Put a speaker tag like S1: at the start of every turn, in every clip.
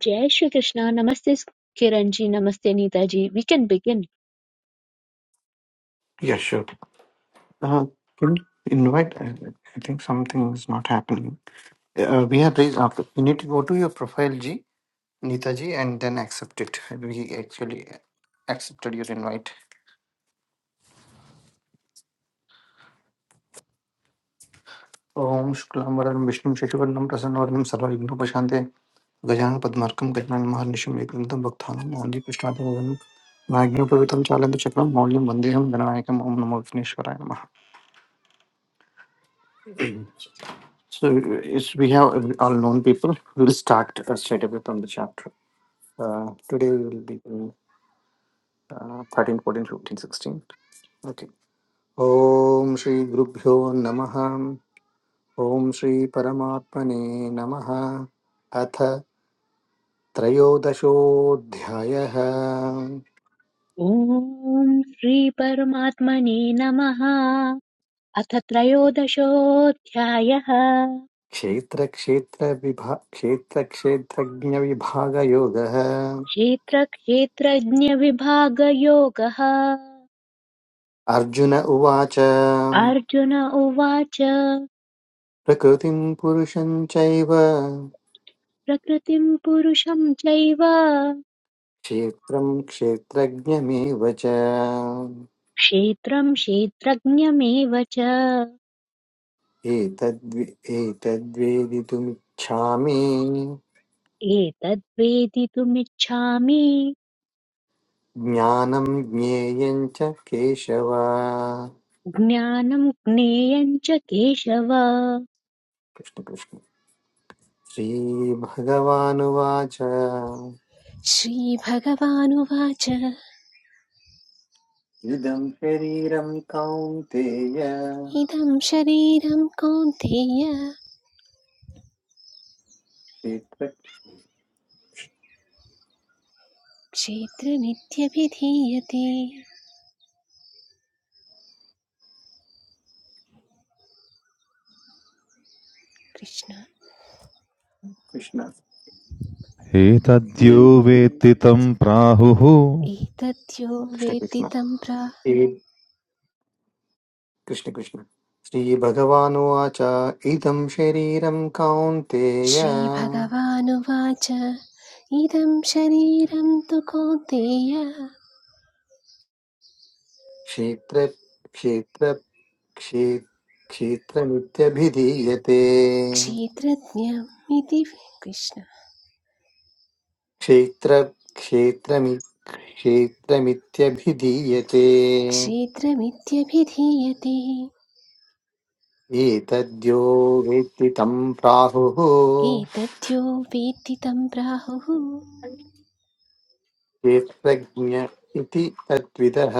S1: Jai Shri Krishna. Namaste, Kiranji. Namaste, Neetaji. We can begin.
S2: Yeah, sure. Uh, can you invite? I, I think something is not happening. Uh, we have raised up. You need to go to your profile, G, Neeta ji, and then accept it. We actually accepted your invite. Om Shuklam Varanam Vishnu Shashivarnam Prasannavarnam Sarva Vigna Pashante Gajan Padmarkam Gajan Maharnishim Ekrintam Bhakthanam Maulim Krishnatam Varanam Nagnu Pavitam Chalandu Chakram Maulim Vandeham Ganayakam Om Namo Vishneshwaraya So it's, we have uh, all known people. We'll start uh, straight away from the chapter. Uh, today we will be doing uh, 13, 14, 15, 16. Okay. Om Shri Gurubhyo Namaha. Om Shri Paramatmane Namaha. अथ त्रयोदशोऽध्यायः
S1: Om Shri Paramatmane Namaha. अथ त्रयोदशोऽध्यायः
S2: क्षेत्रक्षेत्रविभा क्षेत्रक्षेत्रज्ञविभागयोगः
S1: क्षेत्रक्षेत्रज्ञविभागयोगः
S2: अर्जुन उवाच
S1: अर्जुन उवाच
S2: प्रकृतिं पुरुषं चैव
S1: प्रकृतिं पुरुषं चैव
S2: क्षेत्रं क्षेत्रज्ञमेव च
S1: क्षेत्रं क्षेत्रज्ञमेव च
S2: एतद्वे एतद्वेदितुमिच्छामि
S1: एतद्वेदितुमिच्छामि
S2: ज्ञानं ज्ञेयं च केशव
S1: ज्ञानं ज्ञेयं च केशव
S2: कृष्णकृष्ण श्रीभगवानुवाच
S3: श्रीभगवानुवाच
S2: इदं शरीरं कौन्तेय
S3: इदं शरीरं कौन्तेय
S2: क्षेत्र
S3: क्षेत्रमित्यभिधीयते कृष्ण
S2: कृष्ण
S4: एतद्यो
S2: श्री-
S4: वेत्ति तं प्राहुः
S3: एतद्यो
S2: कृष्णकृष्ण
S3: वेत्ति तं प्रा
S2: श्री- कृष्णकृष्ण श्रीभगवानुवाच इदं शरीरं कौन्तेय
S3: श्रीभगवानुवाच इदं शरीरं तु कौन्तेय
S2: क्षेत्र क्षे क्षेत्रमित्यभिधीयते
S3: क्षेत्रज्ञम् इति कृष्ण
S2: क्षेत्र क्षेत्रमि क्षेत्रमित्यभिधीयते
S3: क्षेत्रमित्यभिधीयते
S2: एतद्यो वेत्ति तं प्राहुः
S3: एतद्यो वेत्ति तं प्राहुः
S2: क्षेत्रज्ञ इति तद्विदः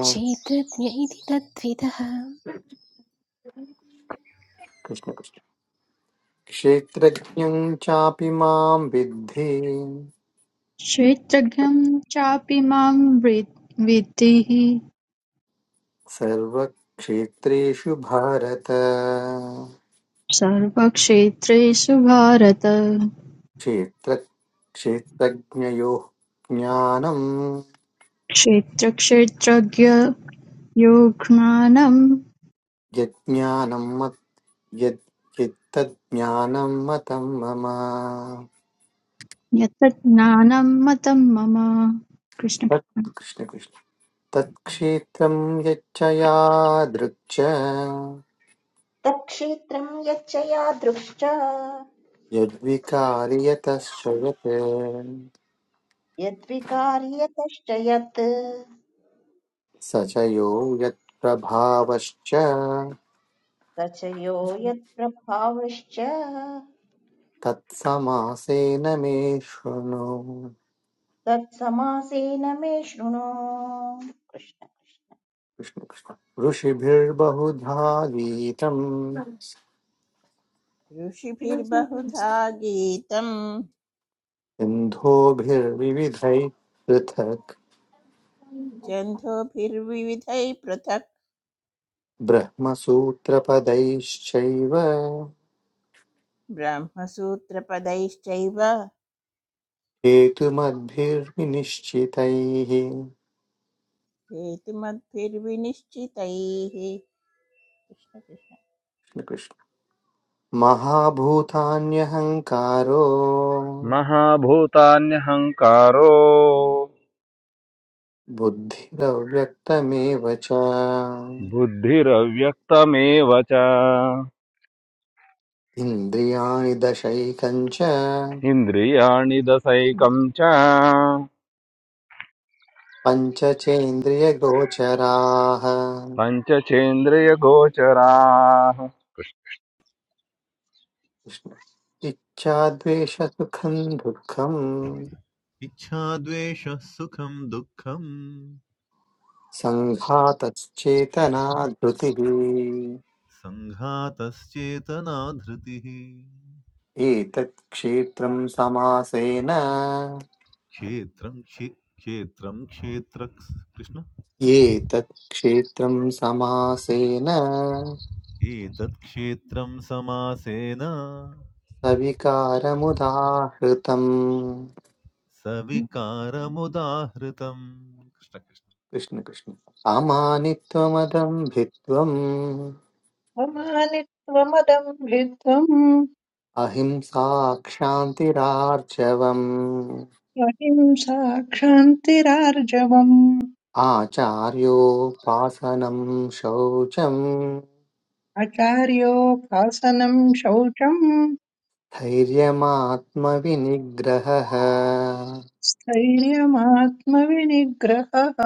S3: क्षेत्रज्ञ इति तद्विदः
S2: कृष्णकृष्ण क्षेत्रज्ञं चापि मां विद्धि
S5: क्षेत्रज्ञं चापि मां वि- विद्धिः
S2: सर्वक्षेत्रेषु भारत
S5: सर्वक्षेत्रेषु भारत
S2: क्षेत्र क्षेत्रज्ञयोः ज्ञानम्
S5: क्षेत्रक्षेत्रज्ञ यो ज्ञानं
S2: यज्ञानं मत् यत् यत्तज्ज्ञानं मतं मम
S5: यत् ज्ञानं मतं मम
S2: तत्
S5: कृष्णकृष्ण
S2: कृष्ण कृष्ण तत्क्षेत्रं यच्च यादृक् च
S6: तत्क्षेत्रं यच्च यादृश्च
S2: यद्विकारि यतश्च यत्
S6: यद्विकार्यतश्च यत्
S2: स च यो यत्प्रभावश्च
S6: स च यो यत्प्रभावश्च
S2: तत्समासेन मे शृणु
S6: तत्समासेन मे शृणु कृष्ण
S2: कृष्ण कृष्ण ऋषिभिर्बहुधा गीतम्
S7: ऋषिभिर्बहुधा गीतम्
S2: सिन्धोभिर्विविधैः पृथक्
S7: छन्दोभिर्विविधैः पृथक्
S2: ब्रह्मसूत्रपदैश्चैव
S7: ब्रह्मसूत्रपदैश्चैव
S2: हेतुमद्भिर्निश्चितैः
S7: हेतुमद्भिर्विनिश्चितैः कृष्ण कृष्ण।
S2: महाभूतान्यहङ्कारो
S8: महाभूतान्यहङ्कारो
S2: बुद्धिरव्यक्तमेव च
S8: बुद्धिरव्यक्तमेव च
S2: इन्द्रियाणि दशैकञ्च
S8: इन्द्रियाणि दशैकं च
S2: पञ्चचेन्द्रियगोचराः
S8: पञ्चचेन्द्रियगोचराः
S2: कृष्ण। इच्छाद्वेषसुखं दुःखं सङ्घातश्चेतना धृतिः
S4: सङ्घातश्चेतना धृतिः
S2: एतत् क्षेत्रं समासेन
S4: क्षेत्रं क्षे क्षेत्रं क्षेत्र कृष्ण
S2: एतत् क्षेत्रं समासेन
S4: एतत् क्षेत्रं समासेन
S2: सविकारमुदाहृतम्
S4: सविकारमुदाहृतम् कृष्ण कृष्ण
S2: कृष्ण कृष्ण अमानित्वमदम् भित्वम्
S9: त्वमदम्भिध्वम्
S2: अहिंसा क्षान्तिरार्चवम्
S9: अहिंसा क्षान्तिरार्जवम्
S2: आचार्योपासनम् शौचम्
S9: अचार्योपासनम् शौचम्
S2: धैर्यमात्मविनिग्रहः
S9: स्थैर्यमात्मविनिग्रहः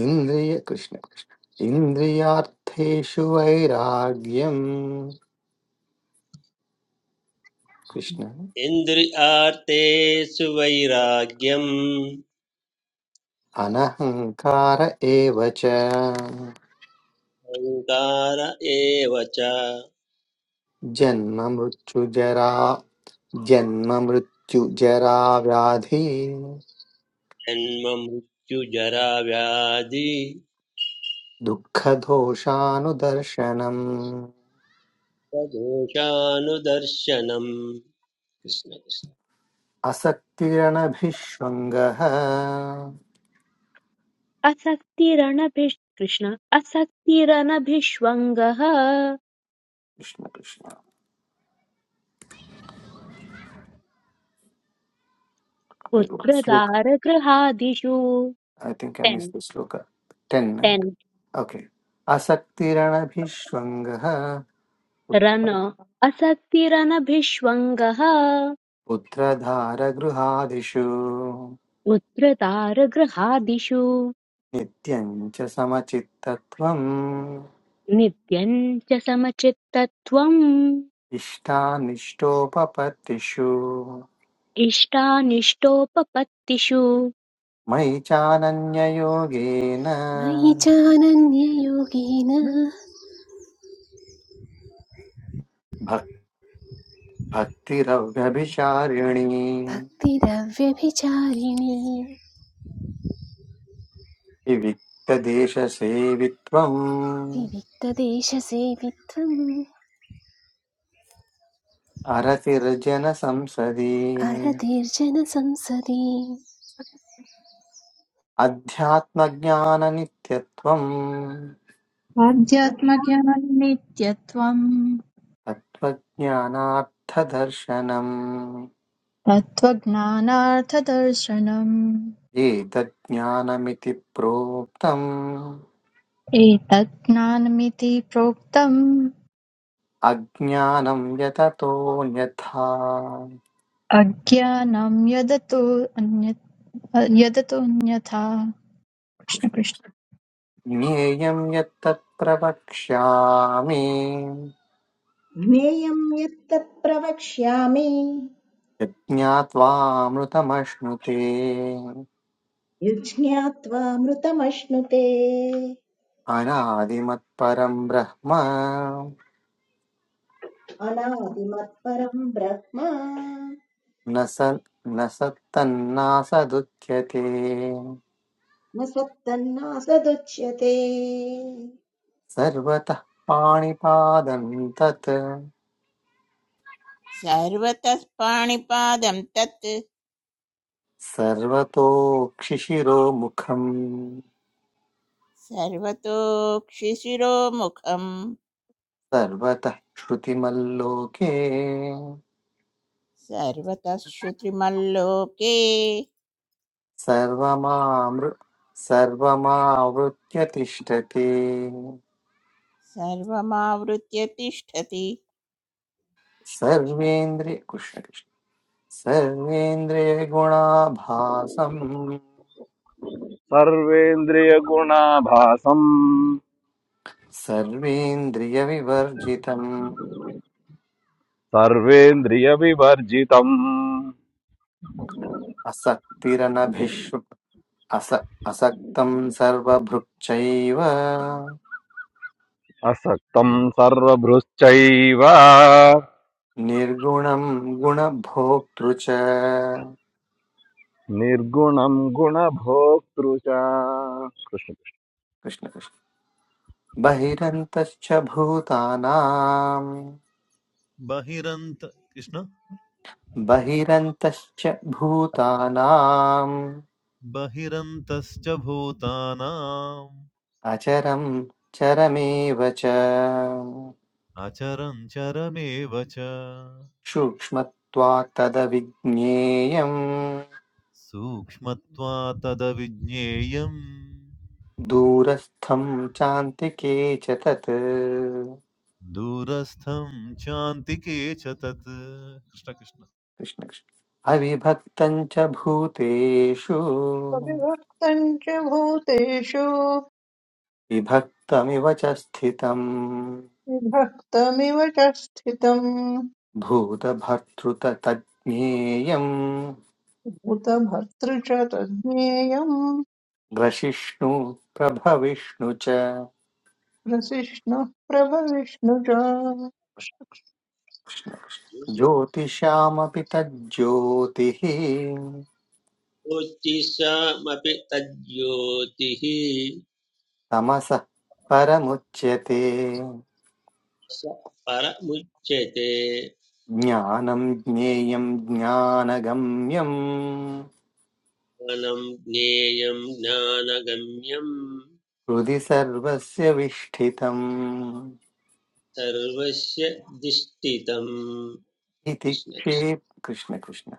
S2: इन्द्रिय कृष्ण कृष्ण इन्द्रियार्थेषु वैराग्यम् कृष्ण
S10: इन्द्रियार्थेषु वैराग्यम्
S2: अनहङ्कार एव च
S10: ओङ्कार एव च
S2: जन्म मृत्यु जरा जन्म मृत्युजरा व्याधि
S10: जन्म मृत्युजरा व्याधि
S2: दुःखदोषानुदर्शनम्
S10: प्रदोषानुदर्शनम् कृष्ण कृष्ण
S2: असक्तिरणभिष्वङ्गः
S1: असक्तिरनभि कृष्ण असक्तिरनभिष्वङ्गः
S2: कृष्ण कृष्ण श्लोक
S1: पुत्रदारगृहादिषु
S2: I think I miss
S1: ten
S2: the shloka ten
S1: ten
S2: okay असक्तिरणभिष्वङ्गः
S1: रन असक्तिरनभिष्वङ्गः
S2: पुत्रधारगृहादिषु
S1: पुत्रदारगृहादिषु
S2: नित्यं च समचित्तत्वम्
S1: नित्यं च समचित्तत्वम्
S2: इष्टानिष्टोपपत्तिषु
S1: इष्टानिष्टोपपत्तिषु
S2: मयि चानन्ययोगेन
S3: मयि चानन्ययोगेन
S2: भक् भक्तिरव्यभिचारिणी
S3: भक्तिरव्यभिचारिणी
S2: विविक्तदेशसेवित्वम्
S3: विविक्तदेशसेवित्वम्
S2: अरतिर्जनसंसदि
S3: अरतिर्जनसंसदि
S2: अध्यात्मज्ञाननित्यत्वम्
S6: अथ
S5: आध्यात्मज्ञाननित्यत्वं
S2: तत्त्वज्ञानार्थदर्शनम्
S5: तत्त्वज्ञानार्थदर्शनम्
S2: एतज्ज्ञानमिति प्रोक्तम्
S5: एतत् ज्ञानमिति प्रोक्तम्
S2: अज्ञानं यततोऽन्यथा
S5: अज्ञानं यदतो अन्यत् यदतोऽन्यथा कृष्ण कृष्ण।
S2: ज्ञेयं यत्तत् प्रवक्ष्यामि
S6: ज्ञेयं यत्तत् प्रवक्ष्यामि
S2: यज्ञात्वा मृतमश्नुते
S6: यज्ज्ञात्वा मृतमश्नुते
S2: अनादिमत्परं ब्रह्म
S6: अनादिमत्परं ब्रह्म
S2: न स न सत्तन्नासदुच्यते
S6: न सदुच्यते
S2: सर्वतः पाणिपादं तत्
S7: सर्वतः पाणिपादं तत्
S2: सर्वतोक्षिशिरोमुखम्
S7: सर्वतोक्षिशिरोमुखम्
S2: सर्वतः श्रुतिमल्लोके
S7: सर्वतः श्रुतिमल्लोके
S2: सर्वमामृ सर्वमावृत्य तिष्ठति
S7: सर्वमावृत्य तिष्ठति कृष्ण कृष्ण।
S2: सर्वेन्द्रिय कृष्णकृष्ण सर्वेन्द्रियगुणाभासम्
S8: सर्वेन्द्रियगुणाभासम्
S2: सर्वेन्द्रियविवर्जितम्
S8: सर्वेन्द्रियविवर्जितम्
S2: असक्तिरनभिश्रु अस असक्तं सर्वभृक्षैव
S8: असक्तम् सर्वभृश्चैव
S2: निर्गुणं गुणभोक्तृ च
S8: निर्गुणं गुणभोक्तृ च कृष्ण कृष्ण।
S2: कृष्ण कृष्ण। बहिरन्तश्च भूतानां
S4: बहिरन्त कृष्ण
S2: बहिरन्तश्च भूतानाम्
S4: बहिरन्तश्च भूतानाम्
S2: अचरं चरमेव च
S4: अचरं चरमेव च
S2: सूक्ष्मत्वात् तदविज्ञेयम्
S4: सूक्ष्मत्वा तदविज्ञेयम्
S2: दूरस्थं चान्तिके च तत्
S4: दूरस्थं चान्तिके च तत् कृष्ण कृष्ण
S2: कृष्ण कृष्ण। अविभक्तं च भूतेषु
S9: अविभक्तम् च भूतेषु
S2: विभक्तमिव च स्थितम्
S9: विभक्तमिव च स्थितम्
S2: भूतभर्तृत
S9: भूतभर्तृ च तज्ज्ञेयम्
S2: ग्रशिष्णु प्रभविष्णु च
S9: प्रसिष्णुः प्रभविष्णु च
S2: ज्योतिषामपि तज्ज्योतिः
S10: ज्योतिषामपि तज्ज्योतिः
S2: तमसः परमुच्यते
S10: स परमुच्यते
S2: ज्ञानं ज्ञेयं ज्ञानगम्यम्
S10: ज्ञानं ज्ञेयं ज्ञानगम्यं
S2: हृदि सर्वस्य विष्ठितम्
S10: सर्वस्य दिष्टितम्
S2: इति
S10: कृष्ण कृष्ण
S2: क्षे कृष्ण कृष्ण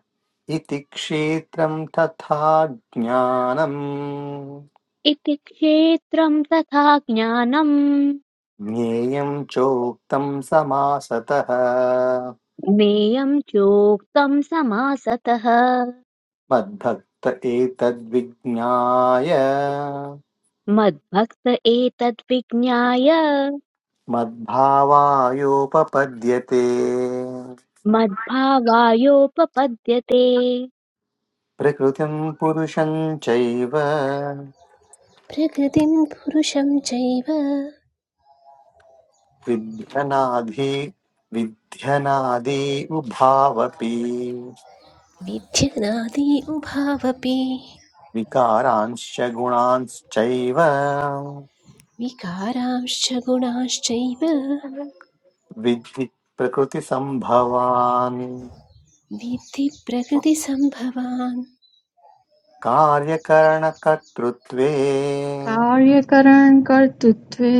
S2: इति क्षेत्रं तथा ज्ञानम्
S1: इति क्षेत्रं तथा ज्ञानम्
S2: ज्ञेयं चोक्तं समासतः
S1: ज्ञेयम् चोक्तम् समासतः
S2: मद्भक्त एतद्विज्ञाय
S1: मद्भक्त एतद्विज्ञाय
S2: मद्भावायोपपद्यते
S1: मद्भावायोपपद्यते
S2: प्रकृतिं पुरुषं चैव
S3: प्रकृतिं पुरुषं चैव
S2: विध्यनाधि विध्यनादि उभावपि
S3: विध्यनादि उभावपि
S2: विकारांश्च गुणांश्चैव
S3: विकारांश्च गुणाश्चैव
S2: विद्धि प्रकृतिसम्भवान्
S3: विद्धि प्रकृतिसम्भवान्
S2: कार्यकरणकर्तृत्वे
S5: कार्यकरणकर्तृत्वे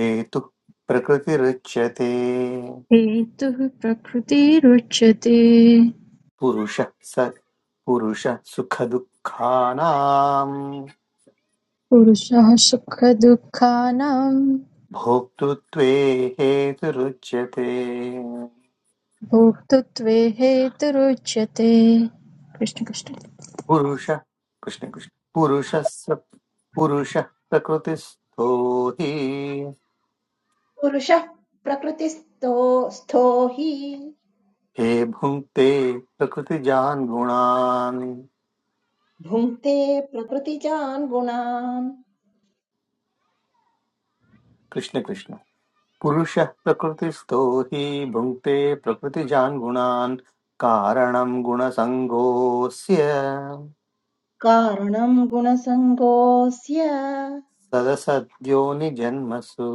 S2: हेतुः प्रकृतिरुच्यते
S5: हेतुः प्रकृतिरुच्यते
S2: पुरुषः स पुरुषः सुखदुःखानाम्
S5: पुरुषः सुखदुःखानां
S2: भोक्तृत्वे हेतुरुच्यते
S5: भोक्तृत्वे हेतुरुच्यते कृष्ण कृष्ण
S2: पुरुषः कृष्ण कृष्ण पुरुषस्य पुरुषः प्रकृतिस्थो हि
S6: पुरुषः प्रकृतिस्थो स्थो हि
S2: हे भुङ्क्ते प्रकृतिजान् गुणान्
S6: भुङ्क्ते प्रकृतिजान् गुणान्
S2: कृष्ण कृष्ण पुरुषः प्रकृतिस्थो हि भुङ्क्ते प्रकृतिजान् गुणान् कारणं गुणसङ्गोऽस्य
S6: कारणं गुणसङ्गोऽस्य
S2: सदसद्योनिजन्मसु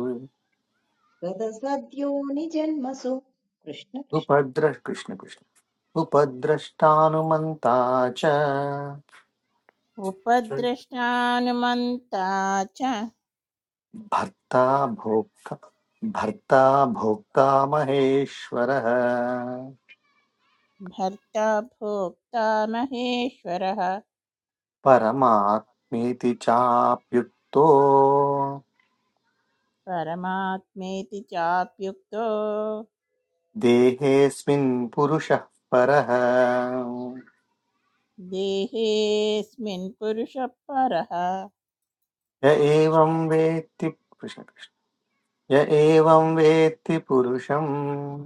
S6: तदसद्यो निजन्मसु कृष्ण कृष्ण
S2: उपद्र कृष्ण कृष्ण उपद्रष्टानुमन्ता च
S7: उपद्रष्टानुमन्ता च
S2: भर्ता भोक्ता भर्ता भोक्ता महेश्वरः
S7: भर्ता भोक्ता महेश्वरः
S2: परमात्मेति चाप्युक्तो
S7: परमात्मेति चाप्युक्तो
S2: देहेऽस्मिन् पुरुषः परः
S7: देहेऽस्मिन् पुरुषः परः
S2: य एवं वेत्ति कृष्ण कृष्ण य एवं वेत्ति पुरुषम्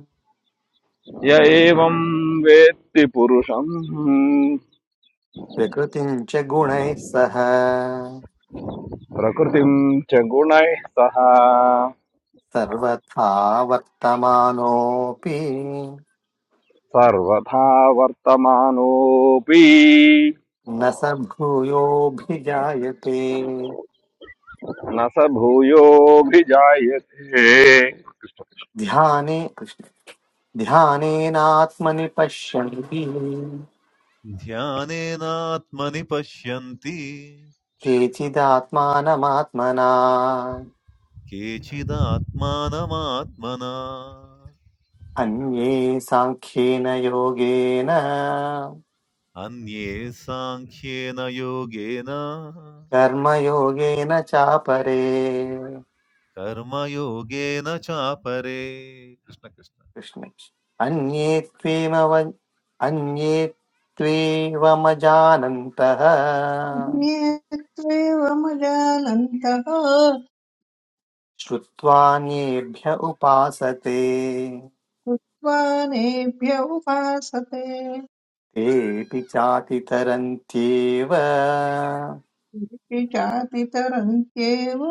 S8: य एवं वेत्ति पुरुषम्
S2: प्रकृतिम् च गुणैः सह
S8: प्रकृतिं च गुणैः सह
S2: सर्वथा वर्तमानोऽपि
S8: सर्वथा वर्तमानोऽपि
S2: न स भूयोऽभिजायते
S8: न स भूयोऽभिजायते
S2: ध्याने कृष्ण ध्यानेनात्मनि पश्यन्ति
S4: ध्यानेनात्मनि पश्यन्ति
S2: केचिदात्मानमात्मना
S4: केचिदात्मानमात्मना
S2: अन्ये साङ्ख्येन योगेन
S4: अन्ये साङ्ख्येन योगेन
S2: कर्मयोगेन चापरे
S4: कर्मयोगेन चापरे कृष्ण कृष्ण
S2: कृष्ण अन्ये त्वेमव अन्ये त्वेवमजानन्तः
S9: ज्ञेत्वेवमजानन्तः
S2: श्रुत्वान्येभ्य उपासते
S9: उद्वानेभ्य उपासते
S2: तेऽपि चातितरन्त्येव
S9: विचातितरन्त्येव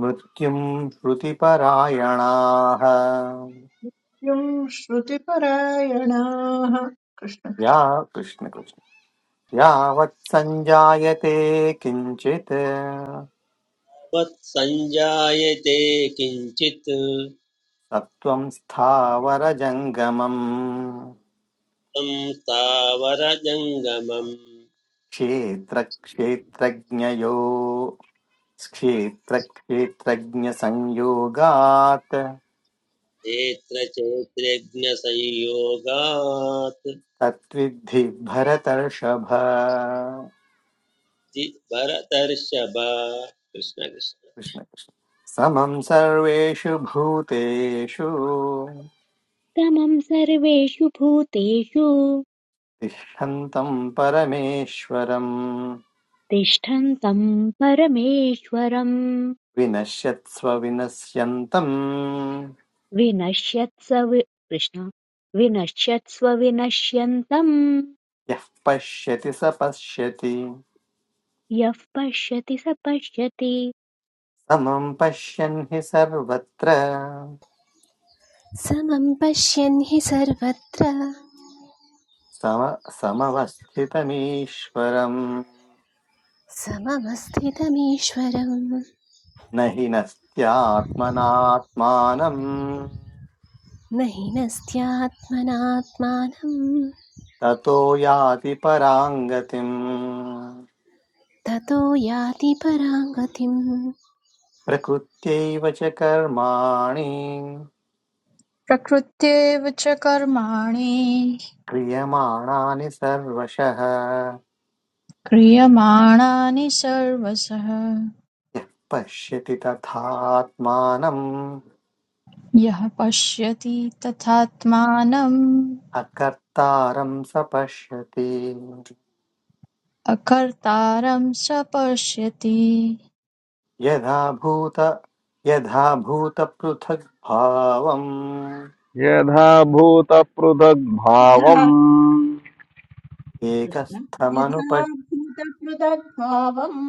S2: मृत्युम् श्रुतिपरायणाः
S9: युं श्रुतिपरायणाः कृष्ण
S2: या
S9: कृष्ण।
S2: कृष्णकृष्ण यावत् सञ्जायते किञ्चित्
S10: वत्सञ्जायते किञ्चित् त्वं
S2: सत्त्वं स्थावरजङ्गमम्
S10: स्थावरजङ्गमम्
S2: क्षेत्र क्षेत्रज्ञयो क्षेत्रक्षेत्रज्ञसंयोगात्
S10: क्षेत्र चैत्रज्ञसंयोगात्
S2: तत्विद्धि भरतर्षभ
S10: जि- भरतर्षभ कृष्ण कृष्ण
S2: कृष्ण कृष्ण समं सर्वेषु भूतेषु
S1: तमम् सर्वेषु भूतेषु
S2: तिष्ठन्तं परमेश्वरम्
S1: तिष्ठन्तम् परमेश्वरम्
S2: विनश्यत्स्व विनश्यन्तम्
S1: विनश्यत्स वि- कृष्ण विनश्यत्स्व विनश्यन्तम्
S2: यः पश्यति स पश्यति
S1: यः पश्यति स पश्यति
S2: समं पश्यन् हि सर्वत्र
S3: समं पश्यन् हि सर्वत्र
S2: सम समवस्थितमीश्वरम्
S3: सममस्थितमीश्वरम्
S2: न हि नस्त्यात्मनात्मानम्
S3: न हीनस्त्यात्मनात्मानं
S2: ततो याति पराङ्गतिम्
S3: ततो याति परां गतिं
S2: प्रकृत्यैव च कर्माणि
S5: प्रकृत्येव च कर्माणि
S2: क्रियमाणानि सर्वशः
S5: क्रियमाणानि सर्वशः
S2: यः पश्यति तथात्मानम्
S5: यः पश्यति तथात्मानम्
S2: अकर्तारं स पश्यति
S5: अकर्तारं स पश्यति
S2: यथा भूत यथा भूतपृथग्भावम्
S8: यथा
S6: यथा
S8: भूतपृथग्भावम्
S6: कृष्ण
S2: एकस्थमनुप
S6: यथा भूतपृथग्भावम्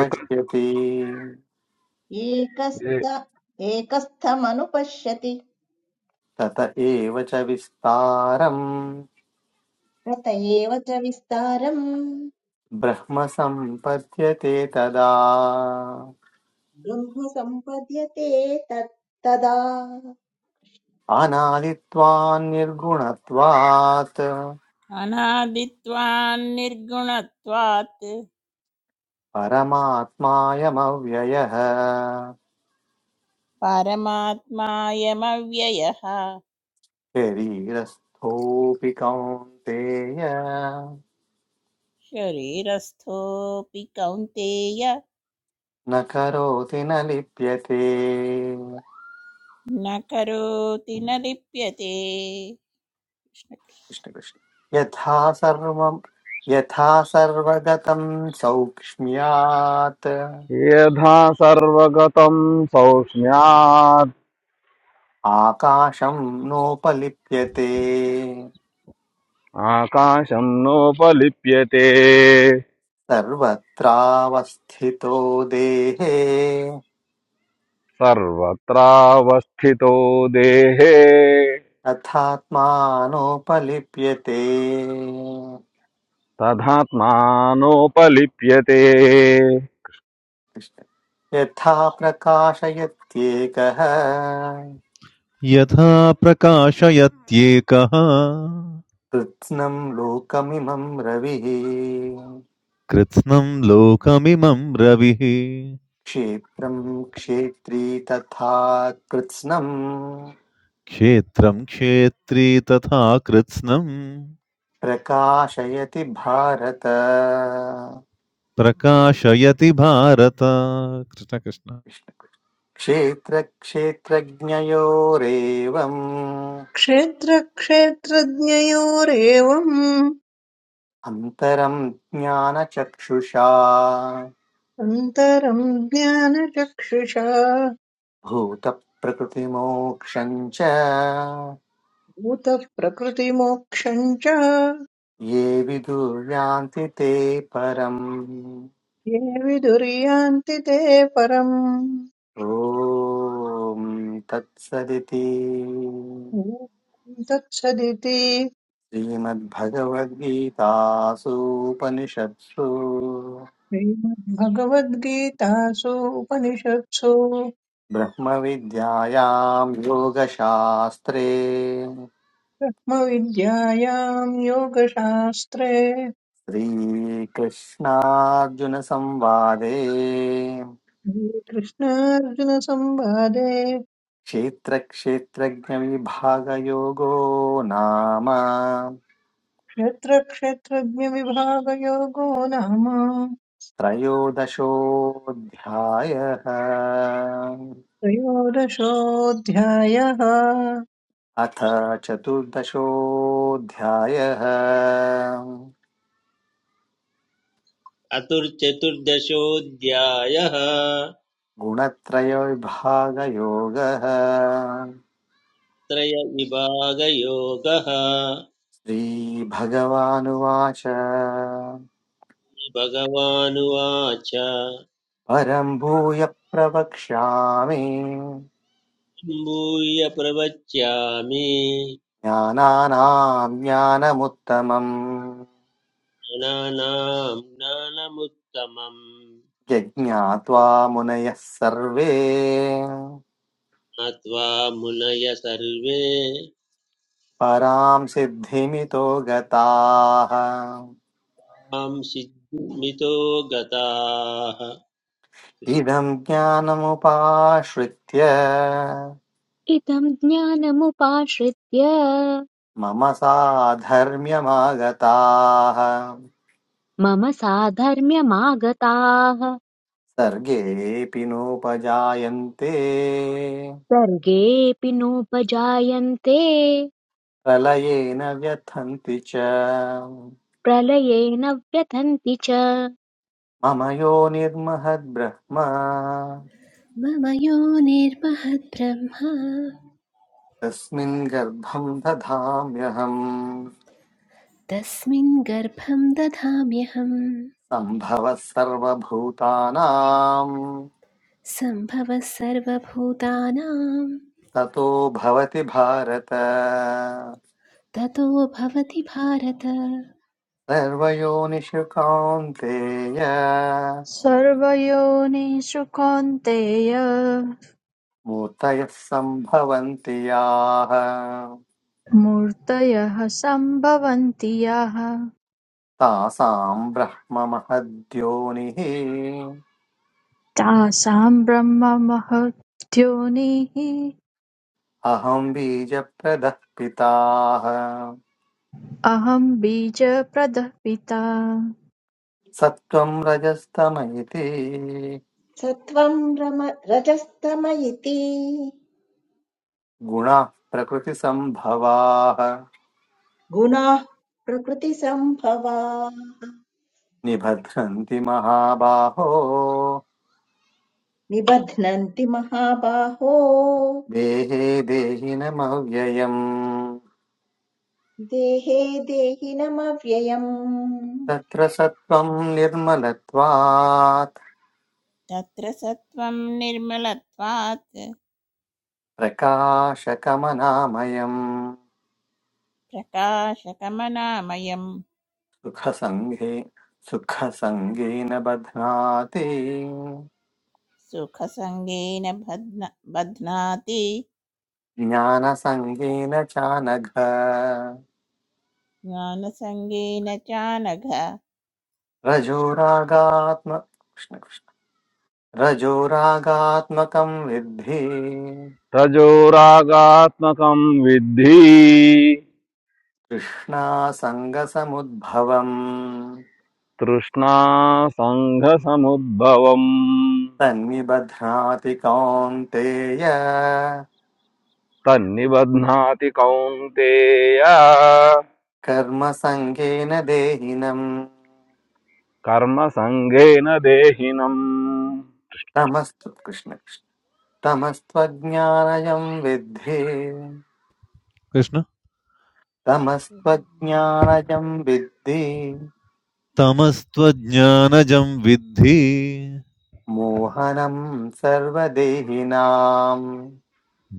S8: एक ए-
S6: एकस्त एकस्थमनुपश्यति
S2: तत एव च विस्तारम्
S6: तत एव च विस्तारम्
S2: ब्रह्म सम्पद्यते तदा
S6: ब्रह्म सम्पद्यते तदा
S2: अनादित्वान्निर्गुणत्वात्
S7: अनादित्वान्निर्गुणत्वात्
S2: परमात्मायमव्ययः
S7: परमात्मायमव्ययः
S2: शरीरस्थोऽपि कौन्तेय
S7: शरीरस्थोऽपि कौन्तेय
S2: न करोति न लिप्यते
S7: न करोति न लिप्यते
S2: कृष्ण कृष्ण। यथा सर्वं यथा सर्वगतं सौक्ष्म्यात्
S8: यथा सर्वगतं सौष्म्यात्
S2: आकाशं नोपलिप्यते
S8: आकाशं नोपलिप्यते
S2: सर्वत्रावस्थितो देहे
S8: सर्वत्रावस्थितो देहे
S2: तथात्मानोपलिप्यते
S8: तथात्मानोपलिप्यते
S2: यथा प्रकाशयत्येकः
S4: यथा प्रकाशयत्येकः
S2: कृत्स्नं लोकमिमं रविः
S4: कृत्स्नं लोकमिमं रविः
S2: क्षेत्रं क्षेत्री तथा कृत्स्नम्
S4: क्षेत्रं क्षेत्री तथा कृत्स्नम्
S2: प्रकाशयति भारत
S4: प्रकाशयति भारत कृष्ण कृष्ण
S2: क्षेत्रक्षेत्रज्ञयोरेवम्
S9: क्षेत्रक्षेत्रज्ञयोरेवम्
S2: अन्तरं ज्ञानचक्षुषा
S9: अन्तरम् ज्ञानचक्षुषा
S2: भूतप्रकृतिमोक्षं च
S9: भूतप्रकृतिमोक्षम् च
S2: ये विदुर्यान्ति ते परम्
S9: ये विदुर्यान्ति ते परम्
S2: ॐ तत्सदिति
S9: ॐ तत्सदिति
S2: श्रीमद्भगवद्गीतासूपनिषत्सु
S9: श्रीमद्भगवद्गीतासु उपनिषत्सु
S2: ब्रह्मविद्यायां योगशास्त्रे
S9: ब्रह्मविद्यायाम् योगशास्त्रे
S2: श्रीकृष्णार्जुनसंवादे
S9: श्रीकृष्णार्जुनसंवादे
S2: क्षेत्रक्षेत्रज्ञविभागयोगो नाम
S9: क्षेत्रक्षेत्रज्ञविभागयोगो नाम
S2: त्रयोदशोऽध्यायः
S9: त्रयोदशोऽध्यायः
S2: अथ चतुर्दशोऽध्यायः
S10: अतुर्चतुर्दशोऽध्यायः
S2: गुणत्रयविभागयोगः
S10: त्रयविभागयोगः
S2: श्रीभगवानुवाच
S10: भगवानुवाच
S2: परं भूय प्रवक्ष्यामि
S10: भूय प्रवच्यामि
S2: ज्ञानानां ज्ञानमुत्तमम्
S10: ज्ञानानां ज्ञानमुत्तमम्
S2: यज्ञात्वा मुनयः सर्वे
S10: ज्ञात्वा मुनय सर्वे
S2: परां सिद्धिमितो गताः
S10: तां सिद्धिमितो गताः
S2: इदं ज्ञानमुपाश्रित्य
S1: इदम् ज्ञानमुपाश्रित्य
S2: मम साधर्म्यमागताः
S1: मम साधर्म्यमागताः
S2: सर्गेऽपि नोपजायन्ते
S1: सर्गेऽपि नोपजायन्ते
S2: प्रलयेन व्यथन्ति च
S1: प्रलये न व्यथन्ति च
S2: मम यो निर्महद्ब्रह्म
S3: मम यो निर्महद्ब्रह्मा
S2: तस्मिन् गर्भं दधाम्यहम्
S3: तस्मिन् गर्भं दधाम्यहं
S2: सम्भवः सर्वभूतानां
S3: सम्भवः सर्वभूतानां
S2: ततो भवति भारत
S3: ततो भवति भारत
S2: सर्वयोनिषु कान्तेय
S5: सर्वयोनिषु कौन्तेय
S2: मूर्तयः सम्भवन्ति याः
S5: मूर्तयः सम्भवन्ति याः
S2: तासाम् ब्रह्ममहद्योनिः
S5: तासां ब्रह्ममहद्योनिः
S2: अहम् बीजप्रदः पिताः
S5: अहं बीजप्रदः पिता
S2: सत्त्वम् रजस्तम इति
S6: सत्त्वम् रजस्तम इति
S2: गुणाः प्रकृतिसम्भवाः
S6: गुणाः प्रकृतिसम्भवा
S2: निभद्रन्ति महाबाहो
S6: निबध्नन्ति महाबाहो
S2: देहे देहिनमव्ययम्
S6: देहे देहिनमव्ययम्
S2: तत्र सत्त्वम् निर्मलत्वात्
S7: तत्र सत्त्वं निर्मलत्वात्
S2: प्रकाशकमनामयम्
S7: प्रकाशकमनामयम्
S2: सुखसङ्गे सुखसङ्गेन बध्नाते
S7: सुखसङ्गेन बध्न बध्नाति
S2: ज्ञानसङ्गेन चानघ
S7: ज्ञानसङ्गेन च नघ
S2: रजोरागात्म कृष्ण कृष्ण रजोरागात्मकं विद्धि
S8: तजोरागात्मकं विद्धि
S2: कृष्णासङ्गसमुद्भवम्
S8: तृष्णा सङ्घसमुद्भवम्
S2: तन्निबध्नाति कौन्तेय
S8: तन्निबध्नाति कौन्तेय
S2: कर्मसङ्गेन देहिनम्
S8: कर्मसङ्गेन देहिनम्
S2: तमस्तु कृष्ण कृष्ण तमस्त्वज्ञानयं विद्धि
S4: कृष्ण
S2: तमस्त्वज्ञानजं विद्धि
S4: तमस्त्वज्ञानजं विद्धि
S2: मोहनं सर्वदेहिनाम्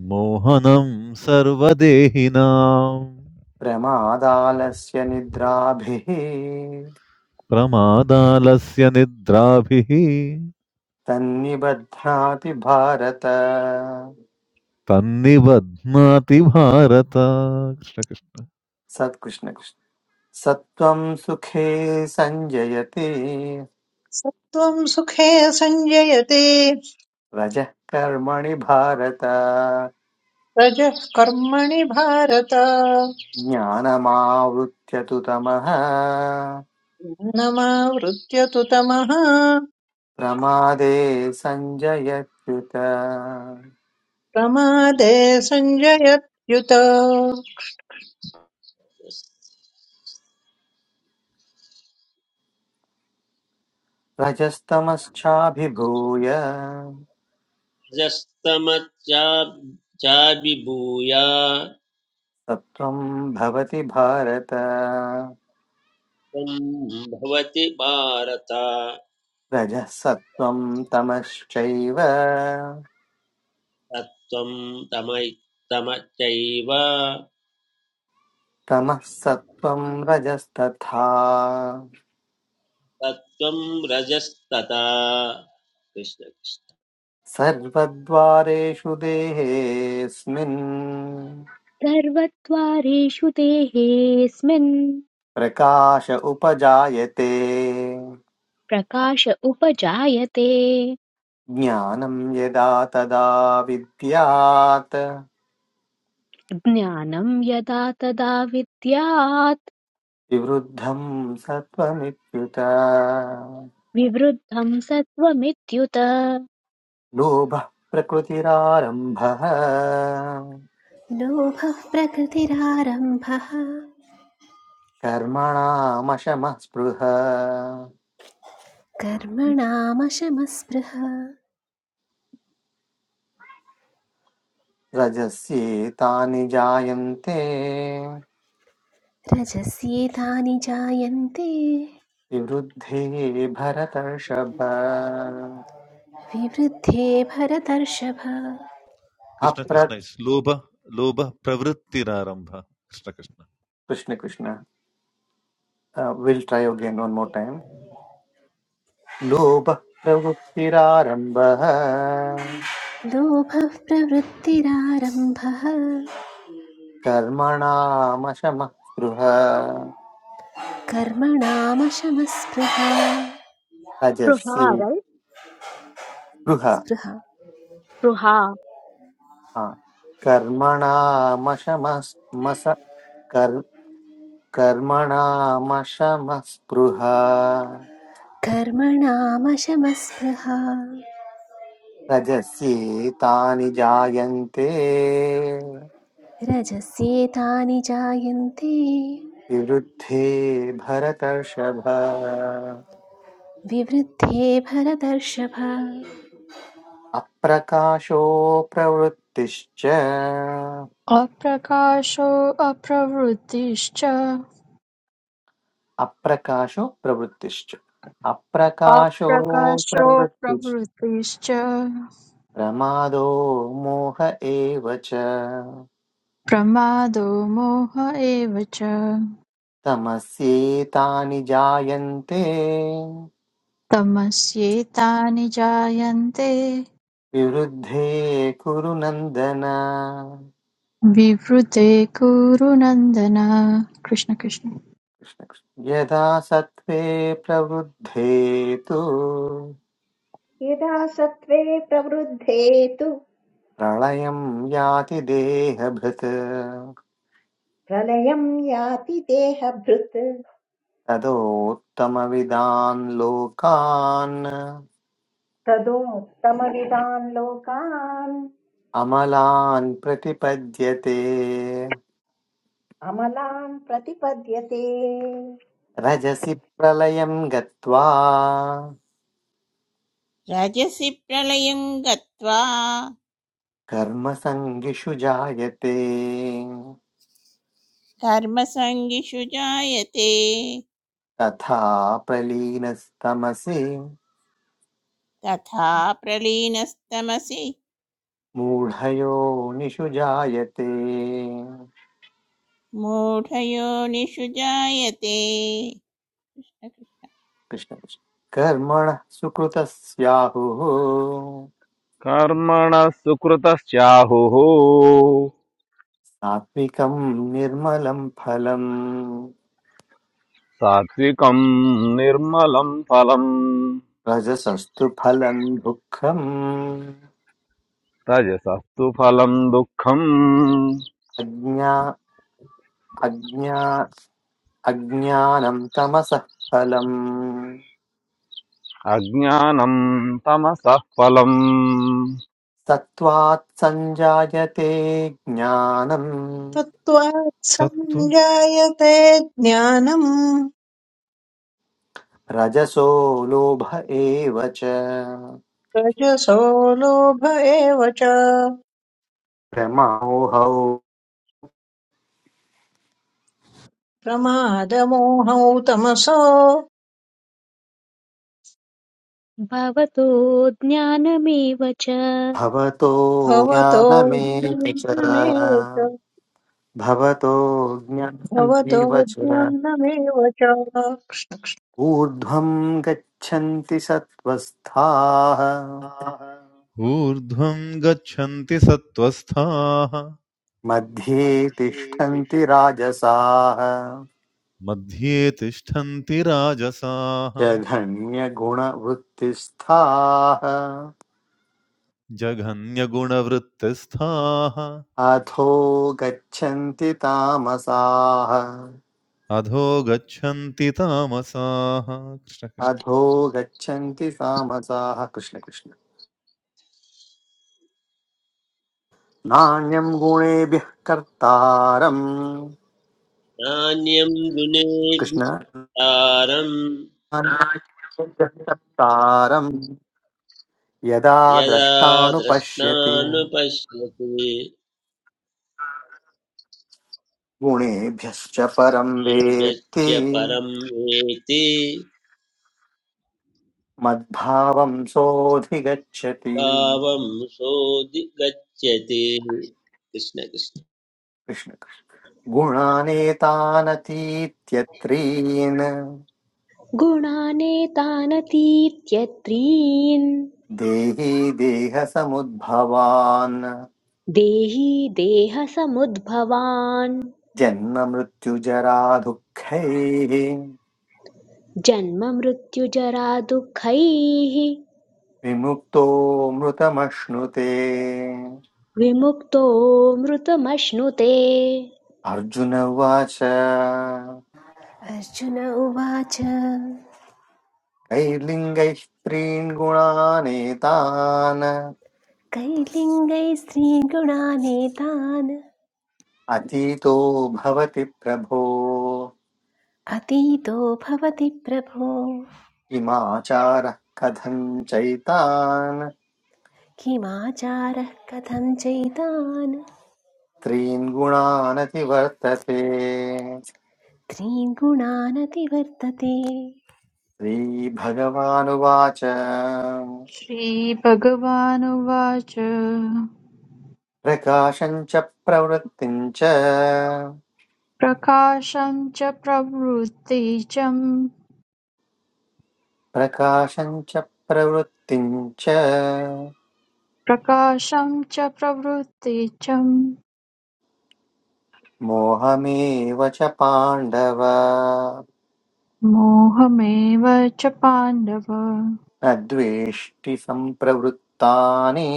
S4: मोहनं सर्वदेहिनां
S2: प्रमादालस्य निद्राभिः
S4: प्रमादालस्य निद्राभिः
S2: तन्निबध्नाति भारत
S4: तन्निबध्नाति भारत कृष्ण कृष्ण
S2: सत्कृष्ण कृष्ण सत्त्वं सुखे संजयते
S9: सत्त्वम् सुखे सञ्जयते
S2: रजः कर्मणि भारत
S9: रजः कर्मणि भारत
S2: ज्ञानमावृत्य तु तमः
S9: ज्ञानमावृत्य तु तमः
S2: प्रमादे सञ्जयत्युत
S9: प्रमादे सञ्जयत्युत
S2: रजस्तमश्चाभिभूय
S10: कृष्णजस्तमच्चाभिभूय
S2: सत्त्वं भवति भारत
S10: त्वं भवति भारत
S2: रजः सत्त्वं तमश्चैव
S10: तत्त्वं तमै तमच्चैव
S2: तमः सत्त्वं रजस्तथा
S10: तत्त्वं रजस्तथा कृष्ण कृष्ण।
S2: सर्वद्वारेषु देहेऽस्मिन्
S1: सर्वद्वारेषु देहेऽस्मिन्
S2: प्रकाश उपजायते
S1: प्रकाश उपजायते
S2: ज्ञानं यदा तदा विद्यात्
S1: ज्ञानं यदा तदा विद्यात्
S2: विवृद्धं सत्त्वमित्युत
S1: विवृद्धं सत्त्वमित्युत
S2: लोभः प्रकृतिरारम्भः
S3: लोभः प्रकृतिरारम्भः
S2: कर्मणामशमः स्पृह
S3: कर्मणामशमस्पृह
S2: रजस्येतानि जायन्ते
S3: रजस्येतानि जायन्ते
S2: विवृद्धे भरतर्षभ
S3: विवृद्धे भरतर्षभ
S4: कृष्ण
S2: अप्र
S4: कृष्ण इस् लोभ लोभ प्रवृत्तिरारम्भ Krishna Krishna
S2: Krishna Krishna will try again one more time लोभः प्रवृत्तिरारम्भः
S3: लोभः प्रवृत्तिरारम्भः
S2: कर्मणामशमः स्पृह
S3: कर्मणामशमस्पृहा
S2: रजस्ये
S1: स्पृहारल्
S2: स्पृह
S3: स्पृहा
S1: स्पृहा
S2: हा, कर्मणामशमस् कर् कर्मणामशमस्पृहा
S3: कर्मणामशमस्पृहा
S2: रजस्ये तानि जायन्ते
S3: रजस्येतानि जायन्ते
S2: विवृद्धे भरतर्षभ
S3: विवृद्धे भरतर्षभ
S2: अप्रकाशो प्रवृत्तिश्च
S5: अप्रकाशो अप्रवृत्तिश्च
S2: अप्रकाशो प्रवृत्तिश्च अप्रकाशो
S5: अप्रकाशो
S2: प्रवृत्तिश्च
S5: प्रवृत्तिश्च
S2: प्रमादो मोह एव च
S5: प्रमादो मोह एव च
S2: तमस्येतानि जायन्ते
S5: तमस्येतानि जायन्ते
S2: विवृद्धे कुरु नन्दन
S5: विवृते कुरु नन्दन कृष्ण कृष्ण
S2: यदा सत्त्वे प्रवृद्धे तु
S6: यदा सत्त्वे प्रवृद्धे तु
S2: प्रलयं याति देहभृत्
S6: प्रलयम् याति देहभृत्
S2: तदोत्तमविदान् लोकान्
S6: तदोत्तमविदान् लोकान्
S2: अमलान् प्रतिपद्यते
S6: अमलान् प्रतिपद्यते
S2: रजसि प्रलयं गत्वा
S7: रजसि प्रलयं गत्वा
S2: कर्मसङ्गिषु जायते
S7: कर्मसङ्गिषु जायते
S2: तथा प्रलीनस्तमसि
S7: तथा प्रलीनस्तमसि
S2: मूढयो निषु जायते
S7: मूढयोनिषु जायते
S2: कृष्ण कृष्ण। कर्मणः सुकृतस्याहुः
S8: कर्मणः सुकृतस्याहुः
S2: सात्विकं निर्मलं फलम्
S8: सात्विकम् निर्मलम् फलम्
S2: रजसस्तु फलं दुःखम्
S8: तजसस्तु फलम् दुःखम्
S2: अज्ञा अज्ञा अज्ञानं तमसः फलम्
S8: अज्ञानं तमसः फलम्
S2: सत्त्वात् सञ्जायते ज्ञानम्
S9: तत्त्वात्
S4: सत्त्व
S9: सञ्जायते ज्ञानम्
S2: रजसो लोभ एव च
S9: रजसो लोभ एव च
S2: भ्रमोहौ
S9: प्रमादमोहौ तमसो
S1: भवतो ज्ञानमेव च
S2: भवतो
S9: भवतो
S2: ज्ञानमेव च
S9: ज्ञानमेव च
S2: भवतो
S9: भवतो
S2: ज्ञानमेव च
S9: ज्ञानमेव च
S2: ऊर्ध्वं गच्छन्ति सत्त्वस्थाः
S4: आह, ऊर्ध्वं
S2: मध्ये
S4: मध्ये
S2: तिष्ठन्ति राजसाः
S4: मध्ये तिष्ठन्ति राजसाः
S2: जघन्यगुणवृत्तिस्थाः
S4: जघन्यगुणवृत्तस्थाः
S2: अधो गच्छन्ति तामसाः
S4: अधो गच्छन्ति तामसाः कृष्ण कृष्ण
S2: अधो गच्छन्ति सामसाः कृष्ण कृष्ण नान्यं गुणेभ्यः कर्तारम्
S10: नान्यं
S2: कृष्ण
S10: गुणेभ्यस्तारं
S2: कर्तारम् यदा
S10: यदा
S2: द्रष्टानुपश्यति
S10: द्रष्टानुपश्यति
S2: गुणेभ्यश्च परं वेत्ति
S10: वेदस्य परं वेति
S2: मद्भावं सोऽधिगच्छति कृष्ण
S10: भावं सोऽधि गच्छति कृष्ण कृष्ण
S2: कृष्ण गुणानेतानतीत्यत्रीन्
S1: गुणानेतानतीत्यत्रीन्
S2: देही देहसमुद्भवान्
S1: देही देहसमुद्भवान्
S2: जन्ममृत्युजराधुःखैः
S1: जन्ममृत्युजरादुःखैः
S2: विमुक्तो मृतमश्नुते
S1: विमुक्तो मृतमश्नुते
S2: अर्जुन उवाच
S3: अर्जुन उवाच
S2: कैर्लिङ्गैः त्रीन् गुणानेतान्
S3: कैर्लिङ्गैः स्त्रीगुणानेतान्
S2: अतीतो भवति प्रभो
S3: अतीतो भवति प्रभो
S2: किमाचारः कथं चैतान्
S3: किमाचारः कथं चैतान्
S2: त्रीन् गुणानतिवर्तते
S3: त्रिगुणानतिवर्तते
S2: श्रीभगवानुवाच
S5: श्रीभगवानुवाच
S2: प्रकाशम् च प्रवृत्तिम् च
S5: प्रकाशं च प्रवृत्ति च
S2: प्रकाशम् च प्रवृत्तिम् च
S5: प्रकाशं च प्रवृत्ति च
S2: मोहमेव च पाण्डव
S5: मोहमेव च पाण्डव
S2: न द्वेष्टि सम्प्रवृत्तानि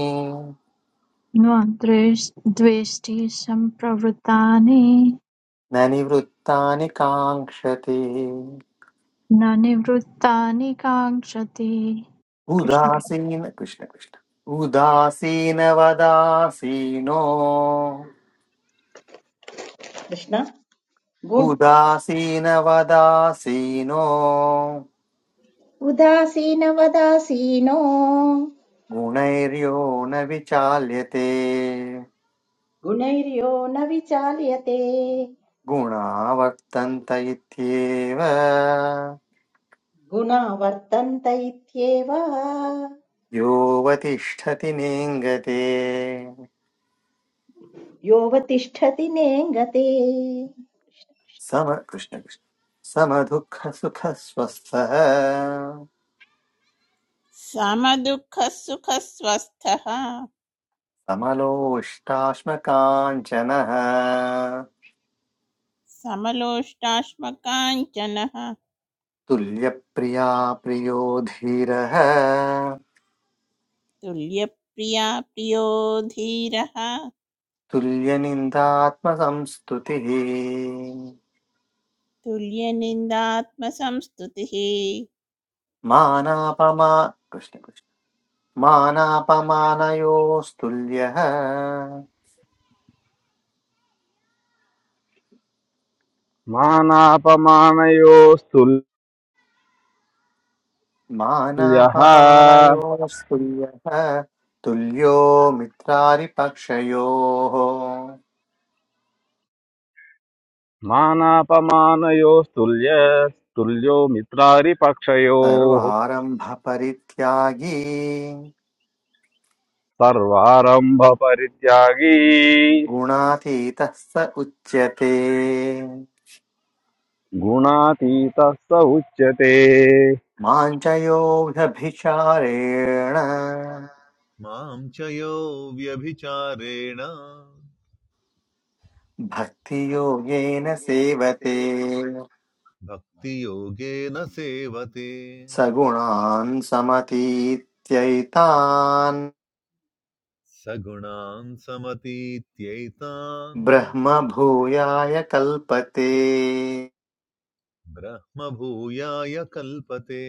S5: न द्वेष्- द्वेष्टि सम्प्रवृत्तानि
S2: न निवृत्तानि काङ्क्षति
S5: न निवृत्तानि काङ्क्षति कृष्ण कृष्ण।
S2: उदासीन कृष्ण कृष्ण उदासीनवदासीनो
S6: कृष्ण गुण
S2: उदासीनवदासीनो
S6: उदासीनवदासीनो
S2: गुणैर्यो न विचाल्यते
S6: गुणैर्यो न विचाल्यते
S2: गुणा वर्तन्त इत्येव
S6: गुणा वर्तन्त इत्येव
S2: योऽवतिष्ठति नेङ्गते
S6: योऽवतिष्ठति नेङ्गते
S2: सम कृष्णकृष्ण समदुःखसुखस्वस्थः
S7: समदुःखः सुखस्वस्थः
S2: समलोष्टाश्मकाञ्चनः
S7: समलोष्टाश्मकाञ्चनः
S2: तुल्यप्रिया प्रियो धीरः
S7: तुल्यप्रिया प्रियो धीरः
S2: तुल्यनिन्दात्मसंस्तुतिः
S7: तुल्यनिन्दात्मसंस्तुतिः कृष्ण
S2: मानापमा कृष्णकृष्ण मानापमानयोस्तुल्यः
S8: मानापमानयोस्तुल्यः
S2: मानापमानयोस्तुल्यः तुल्यो मित्रारिपक्षयोः
S8: मानापमानयोस्तुल्यस्तुल्यो मित्रारिपक्षयोः
S2: सर्वारम्भपरित्यागी
S8: सर्वारम्भपरित्यागी
S2: गुणातीतः स उच्यते
S8: गुणातीतः स उच्यते
S2: माञ्चयो
S4: मां च यो व्यभिचारेण
S2: भक्तियोगेन सेवते
S4: भक्तियोगेन सेवते
S2: सगुणान् समतीत्यैतान्
S4: सगुणान् समतीत्यैतान्
S2: ब्रह्मभूयाय कल्पते
S4: ब्रह्मभूयाय कल्पते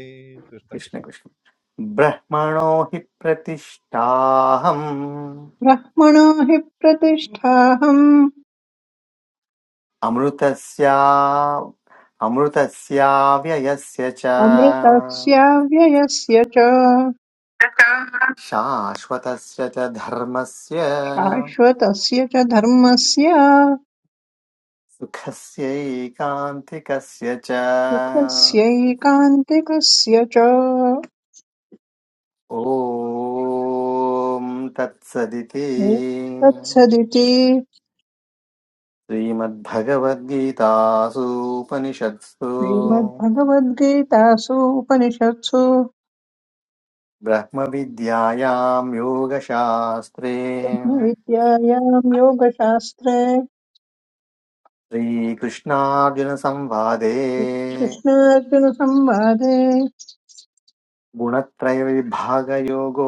S4: कृष्णकृष्ण
S2: कृष्णकृष्ण ब्रह्मणो हि प्रतिष्ठाहम्
S9: ब्रह्मणो हि प्रतिष्ठाहम्
S2: अमृतस्या अमृतस्या व्ययस्य च
S9: अमृतस्य व्ययस्य च
S2: शाश्वतस्य च धर्मस्य
S9: शाश्वतस्य च धर्मस्य
S2: सुखस्यैकान्तिकस्य च
S9: सुखस्यैकान्तिकस्य च
S2: ॐ तत्सदिति
S9: तत्सदिति
S2: श्रीमद्भगवद्गीतासूपनिषत्सु
S9: श्रीमद्भगवद्गीतासु उपनिषत्सु
S2: ब्रह्मविद्यायां योगशास्त्रे
S9: ब्रह्मविद्यायां योगशास्त्रे
S2: श्रीकृष्णार्जुनसंवादे
S9: कृष्णार्जुनसंवादे
S2: गुणत्रयविभागयोगो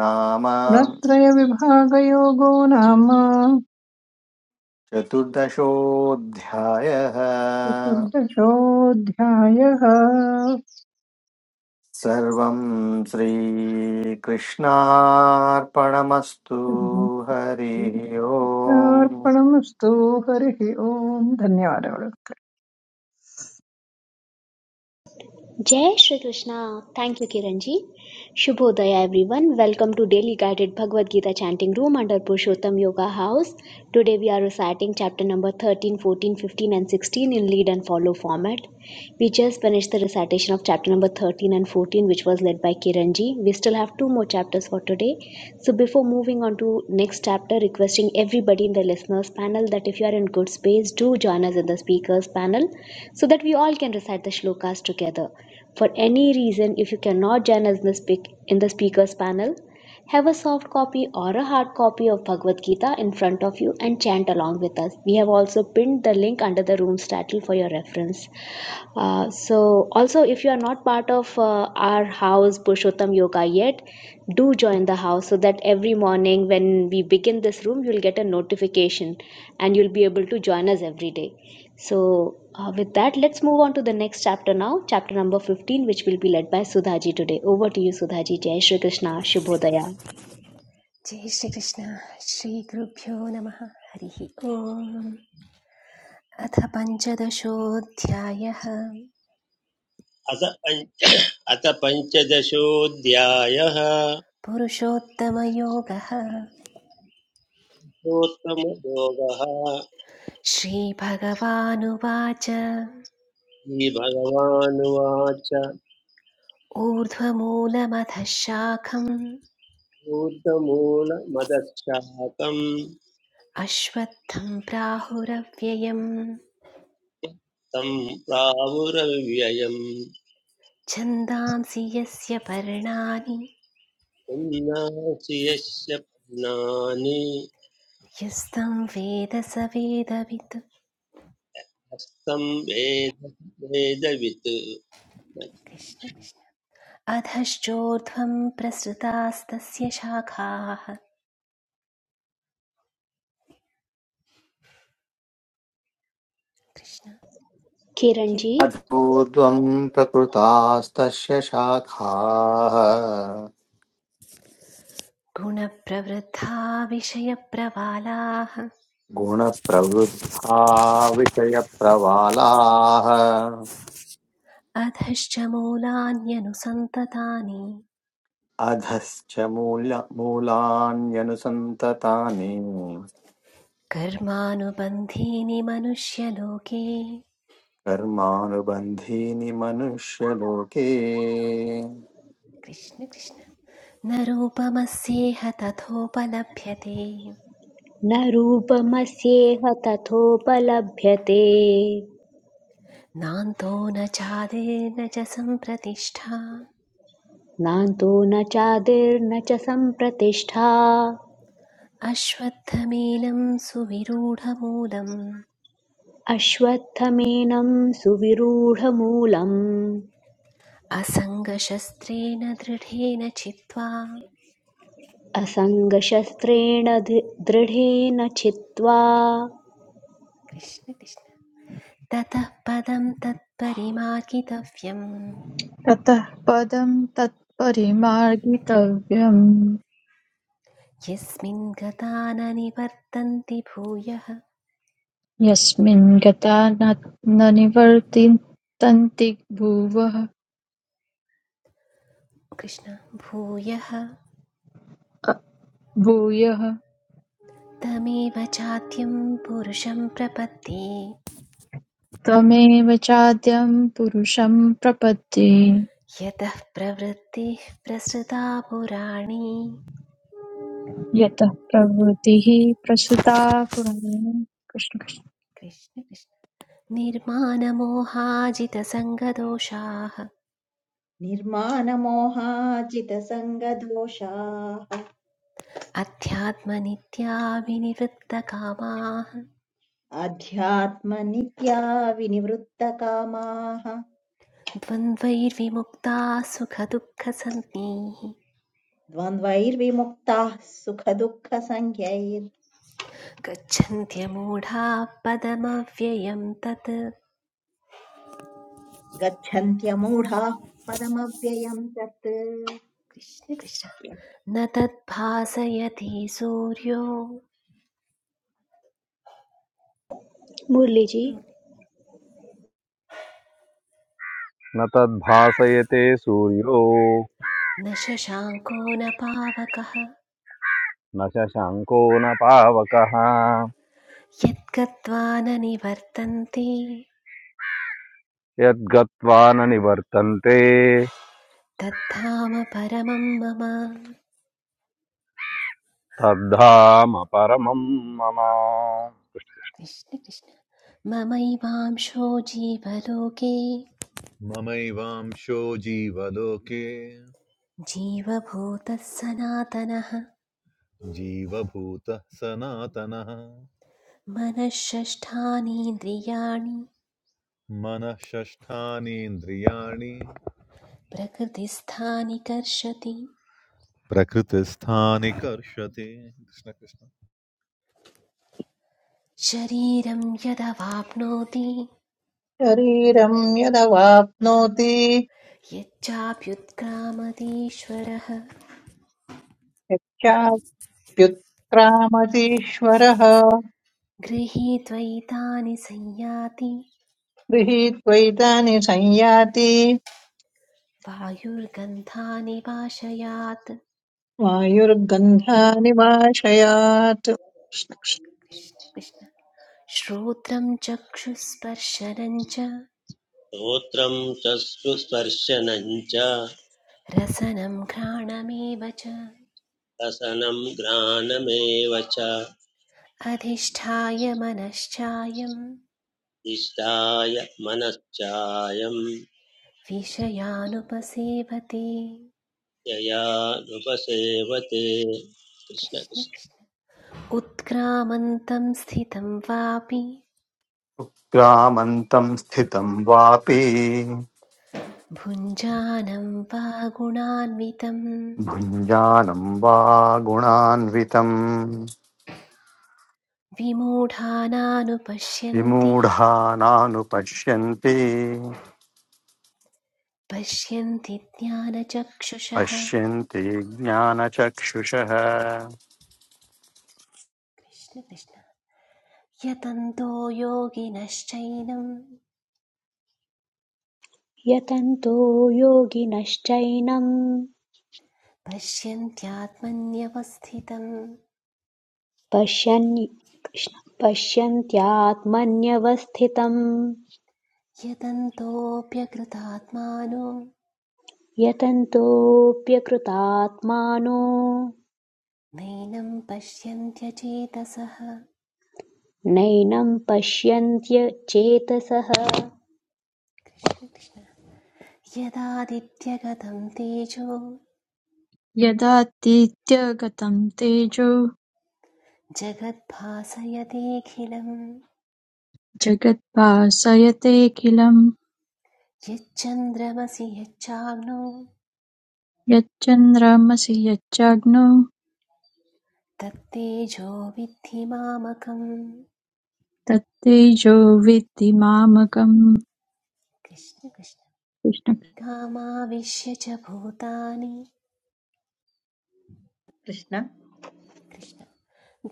S2: नाम
S9: गुणत्रयविभागयोगो नाम
S2: चतुर्दशोऽध्यायः
S9: चतुर्दशोऽध्यायः
S2: सर्वं श्रीकृष्णार्पणमस्तु हरिः ओम्
S9: कृष्णार्पणमस्तु हरिः ओम् धन्यवादः
S1: Jai Shri Krishna. Thank you, Kiranji. Shubhodaya, everyone. Welcome to Daily Guided Bhagavad Gita Chanting Room under Purushottam Yoga House. Today we are reciting chapter number 13, 14, 15, and 16 in lead and follow format. We just finished the recitation of chapter number 13 and 14, which was led by Kiranji. We still have two more chapters for today. So before moving on to next chapter, requesting everybody in the listeners panel that if you are in good space, do join us in the speakers panel so that we all can recite the shlokas together. For any reason, if you cannot join us in the, speak- in the speakers panel, have a soft copy or a hard copy of Bhagavad Gita in front of you and chant along with us. We have also pinned the link under the room's title for your reference. Uh, so, also, if you are not part of uh, our house Purushottam Yoga yet, do join the house so that every morning when we begin this room, you'll get a notification and you'll be able to join us every day. So, uh, with that, let's move on to the next chapter now, chapter number 15, which will be led by Sudhaji today. Over to you, Sudhaji. Jai Shri Krishna, Shubhodaya.
S3: जय श्रीकृष्ण श्रीगुरुभ्यो नमः हरिः ओम् अथ पञ्चदशोऽध्यायः
S10: अथ पञ्च अथ पञ्चदशोऽध्यायः
S3: पुरुषोत्तमयोगः
S10: उत्तमयोगः
S3: श्रीभगवानुवाच
S10: श्रीभगवानुवाच
S3: ऊर्ध्वमूलमथ शाखम्
S10: भूतमूलमदशाकम्
S3: अश्वत्थं प्राहुरव्ययम्
S10: तं प्रावुरव्ययम्
S3: छन्दांसि यस्य पर्णानि
S10: उन्नाशियस्य पन्नानि
S3: यस्तं वेद स वेदवित्
S10: हस्तं वेद वेदवित्
S3: कृष्ण कृष्ण अधश्चोर्ध्वं प्रसृतास्तस्य शाखाः कृष्ण किर-
S1: Kiranji,
S2: अद्भुत्वम् प्रकृतास्तस्य शाखाः
S3: गुणप्रवृद्धा विषयप्रवालाः
S2: गुणप्रवृद्धा विषयप्रवालाः
S3: अधश्च मूलान्यनुसन्ततानि
S2: अधश्च मूल मूलान्यनुसन्ततानि
S3: कर्मानुबन्धीनि मनुष्यलोके
S2: कर्मानुबन्धीनि मनुष्यलोके
S3: कृष्ण कृष्ण न रूपमस्येह तथोपलभ्यते
S1: न रूपमस्येह तथोपलभ्यते
S3: नान्तो न चादिर्न च सम्प्रतिष्ठा
S1: नान्तो न चादिर्न च सम्प्रतिष्ठा
S3: अश्वत्थमेनं सुविरूढमूलम्
S1: अश्वत्थमेनं सुविरूढमूलम्
S3: असङ्गशस्त्रेण दृढेन चित्वा
S1: असङ्गशस्त्रेण धि- दृढेन छित्त्वा
S3: कृष्ण कृष्ण ततः पदं तत्परिमाकितव्यम्
S5: ततः पदं तत्परिमार्गितव्यम्
S3: यस्मिन् गता न निवर्तन्ति भूयः
S5: यस्मिन् गता न न निवर्तितन्ति भुवः
S3: कृष्ण भूयः
S5: भूयः
S3: तमेव चाद्यं पुरुषं प्रपत्ति
S5: त्वमेव चाद्यं पुरुषं प्रपद्ये
S3: यतः प्रवृत्तिः प्रसृता पुराणी
S5: यतः प्रवृत्तिः प्रसृता पुराणे कृष्ण कृष्ण।
S3: कृष्ण कृष्ण निर्मानमोहाजितसङ्गदोषाः
S6: निर्मानमोहाजितसङ्गदोषाः
S3: अध्यात्मनित्या विनिवृत्तकामाः
S6: अध्यात्मनित्या विनिवृत्तकामाः
S3: द्वन्द्वैर्विमुक्ताः सुखदुःखसन्निः
S6: द्वन्द्वैर्विमुक्ताः सुखदुःखसङ्ख्यैर्गच्छन्त्यमूढाः
S3: गच्छन्त्यमूढाः पदमव्ययं तत्
S6: पदमव्ययम् तत्
S3: कृष्ण कृष्ण न तद्भासयति सूर्यो
S1: मुरलीजी
S8: न तद्भासयते सूर्यो
S3: न शशाङ्को न पावकः
S8: न शशाङ्को न पावकः
S3: यद्गत्वा न निवर्तन्ते
S8: यद्गत्वा न निवर्तन्ते
S3: तद्धाम परमं मम
S8: तद्धाम परमं मम
S3: कृष्ण कृष्ण ममैवांशो जीवलोके
S4: ममैवांशो जीवलोके
S3: जीवभूतः सनातनः
S4: जीवभूतः सनातनः
S3: मनःषष्ठानीन्द्रियाणि
S4: मनः षष्ठानीन्द्रियाणि
S3: प्रकृतिस्थानि कर्षति
S4: प्रकृतिस्थानि कर्षति कृष्ण कृष्ण
S3: शरीरं यदवाप्नोति
S9: शरीरं यदवाप्नोति
S3: यच्चाप्युत्क्रामतीश्वरः
S9: यच्चाप्युत्क्रामतीश्वरः
S3: गृहीत्वैतानि संयाति
S9: गृहीत्वैतानि संयाति
S3: वायुर्गन्धानि वाशयात्
S9: वायुर्गन्धानिवाशयात्
S3: कृष्ण श्रोत्रं चक्षुस्पर्शनं च
S10: श्रोत्रं चक्षुस्पर्शनं च
S3: रसनं घ्राणमेव च
S10: रसनं घ्राणमेव च
S3: अधिष्ठाय मनश्चायं
S10: इष्टाय मनश्चायं
S3: विषयानुपसेवते
S10: ययानुपसेवते कृष्ण
S3: कृष्ण
S10: कृष्ण
S3: कृष्ण उत्क्रामन्तं स्थितं वापि
S2: ग्रामन्तं स्थितं वापि
S3: भुञ्जानं वा गुणान्वितं
S2: भुञ्जानं वा गुणान्वितम्
S3: विमूढानानुपश्यन्ति
S2: विमूढा नानुपश्यन्ति
S3: पश्यन्ति ज्ञानचक्षुषः
S2: पश्यन्ति ज्ञानचक्षुषः
S3: कृष्ण कृष्ण यतन्तो योगिनश्चैनं
S1: यतन्तो योगिनश्चैनं
S3: पश्यन्त्यात्मन्यवस्थितं
S1: पश्यन् कृष्ण- पश्यन्त्यात्मन्यवस्थितम्
S3: यतन्तोऽप्यकृतात्मानो
S1: यतन्तोऽप्यकृतात्मानो
S3: नैनं पश्यन्त्यचेतसः
S1: नैनं पश्यन्त्य चेतसः
S3: कृष्ण कृष्ण यदादित्यगतं तेजो
S5: यदातीत्यगतं तेजो
S3: जगद्भासयतेऽखिलम्
S5: जगद्भासयतेऽखिलं
S3: यच्चन्द्रमसि यच्चाग्नो
S5: यच्चन्द्रमसि यच्चग्नो
S3: तत्तेजो विद्धि मामकम्
S5: तत्तेजो विद्धि मामकम्
S3: कृष्ण कृष्ण
S5: कृष्ण
S3: गामाविश्य च भूतानि
S6: कृष्ण
S3: कृष्ण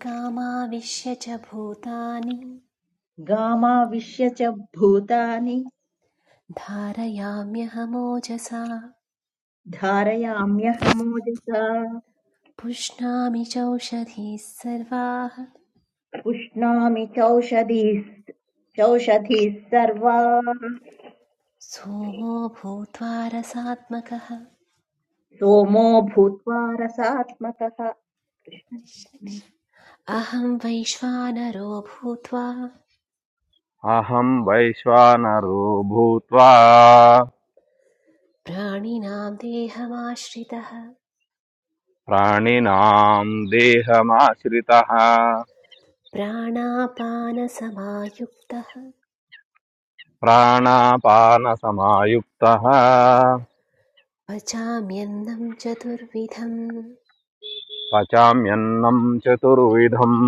S3: गामाविश्य च भूतानि
S6: गामाविश्य च भूतानि
S3: धारयाम्यहमोजसा
S6: धारयाम्यहमोजसा
S3: पुष्णामि चौषधीः सर्वाः
S6: पुष्णामि चौषधीः ह्यौषधीः सर्वा
S3: सोमो भूत्वा रसात्मकः
S6: सोमो भूत्वा रसात्मकः
S3: अहं वैश्वानरो भूत्वा
S8: अहं वैश्वानरो भूत्वा
S3: प्राणिनां देहमाश्रितः
S8: प्राणिनां देहमाश्रितः
S3: प्राणापानसमायुक्तः
S8: प्राणापानसमायुक्तः
S3: पचाम्यन्नं चतुर्विधम्
S8: पचाम्यन्नं चतुर्विधम्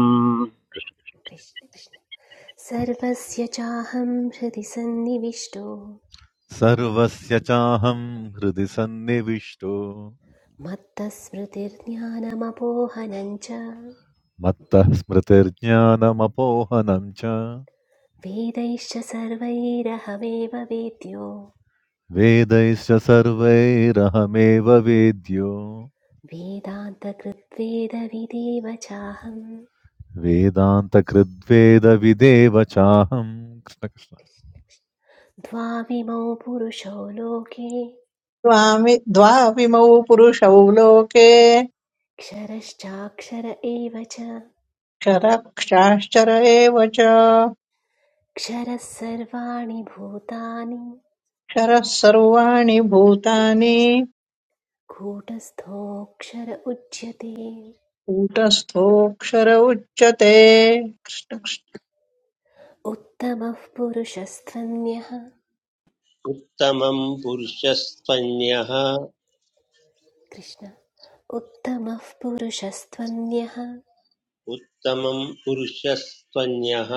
S3: कृष्ण कृष्ण। सर्वस्य चाहं हृदि सन्निविष्टो
S4: सर्वस्य चाहं हृदि सन्निविष्टो
S3: मत्तस्मृतिर्ज्ञानमपोहनं च
S4: मत्तः स्मृतिर्ज्ञानमपोहनं च
S3: वेदैश्च सर्वैरहमेव वेद्यो
S4: वेदैश्च सर्वैरहमेव वेद्यो
S3: वेदान्तकृत्वेदविदेव चाहम्
S4: वेदान्तकृद्वेदविदेव चाहं कृष्ण कृष्ण
S3: द्वाविमौ पुरुषो लोके
S9: द्वामि- द्वाविमौ पुरुषौ लोके
S3: क्षरश्चाक्षर एव च
S9: क्षरः क्षाश्चर एव च
S3: क्षरः सर्वाणि भूतानि
S9: क्षरः सर्वाणि भूतानि
S3: कूटस्थोऽक्षर उच्यते
S9: कूटस्थोऽक्षर उच्यते
S3: उत्तमः पुरुषस्त्वन्यः
S10: उत्तमं पुरुषस्त्वन्यः
S3: कृष्ण उत्तमः पुरुषस्त्वन्यः
S10: उत्तमं पुरुषस्त्वन्यः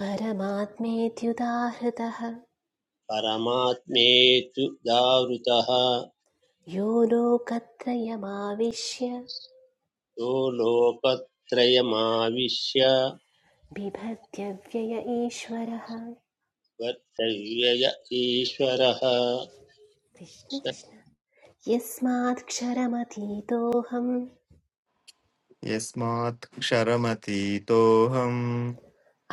S3: परमात्मेत्युदाहृतः
S10: परमात्मेतु दावृतः
S3: यो लोकत्रयमाविश्य
S10: यो लोकत्रयमाविश्य
S3: बिभत्य व्यय ईश्वरः
S10: वर्तव्यय ईश्वरः
S3: कृष्ण कृष्ण यस्मात्क्षरमतीतोऽहम्
S11: यस्मात् क्षरमतीतोऽहम्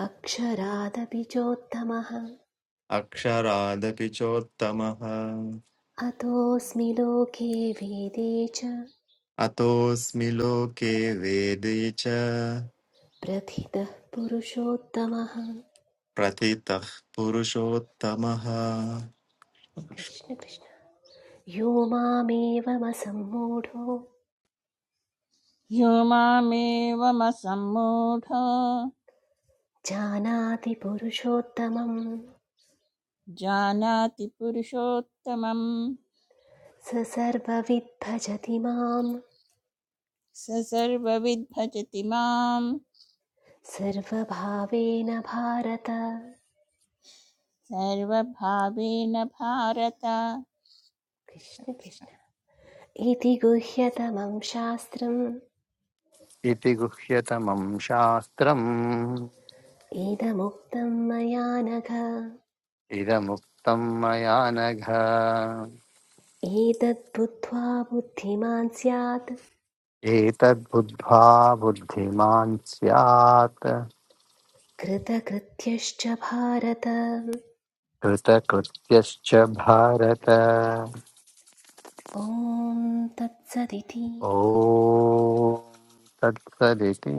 S3: अक्षरादपि चोत्तमः
S11: अक्षरादपि चोत्तमः
S3: अतोऽस्मि लोके वेदे च
S11: अतोऽस्मि लोके वेदे च
S3: प्रथितः पुरुषोत्तमः
S11: प्रतितः पुरुषोत्तमः
S3: कृष्ण कृष्ण यो मामेवमसम्मूढो
S7: यो मामेवमसम्मूढ
S3: जानाति पुरुषोत्तमं
S7: जानाति पुरुषोत्तमं
S3: स सर्वविद् भजति मां
S7: स सर्वविद्भजति मां
S3: सर्वभावेन भारत
S7: सर्वभावेन भारत
S3: कृष्ण कृष्ण इति गुह्यतमं शास्त्रम्
S2: इति गुह्यतमं शास्त्रम्
S3: इदमुक्तं मया नघ
S2: इदमुक्तं मया नघ
S3: एतद्बुद्ध्वा बुद्धिमान् स्यात्
S2: एतद्बुद्ध्वा बुद्धिमान् स्यात्
S3: कृतकृत्यश्च भारत
S2: कृतकृत्यश्च भारत
S3: ॐ तत्सदिति
S2: ॐ तत्सदिति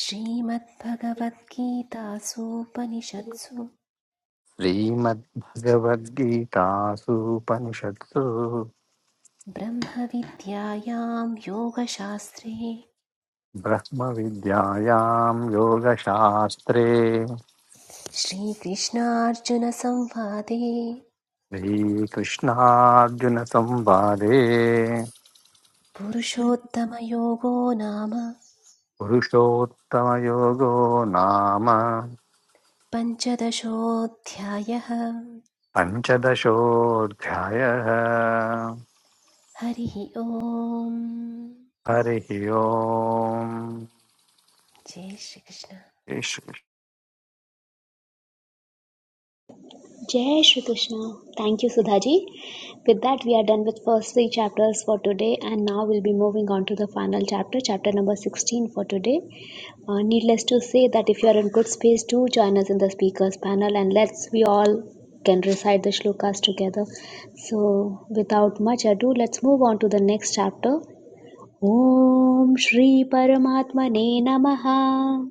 S3: श्रीमद्भगवद्गीतासूपनिषत्सु
S2: श्रीमद्भगवद्गीतासूपनिषत्सु
S3: ब्रह्मविद्यायां योगशास्त्रे
S2: ब्रह्मविद्यायां योगशास्त्रे
S3: श्रीकृष्णार्जुनसंवादे
S2: श्रीकृष्णार्जुनसंवादे
S3: पुरुषोत्तमयोगो नाम
S2: पुरुषोत्तमयोगो नाम
S3: पञ्चदशोऽध्यायः
S2: पञ्चदशोऽध्यायः
S3: हरिः ओम्
S2: हरिः ओम्
S3: जय Shri Krishna
S2: Shri-
S1: Jai Shri Krishna. Thank you, Sudhaji. With that, we are done with first three chapters for today, and now we'll be moving on to the final chapter, chapter number 16 for today. Uh, needless to say that if you are in good space, do join us in the speakers panel, and let's we all can recite the shlokas together. So, without much ado, let's move on to the next chapter. Om Shri Paramatmane Namaha.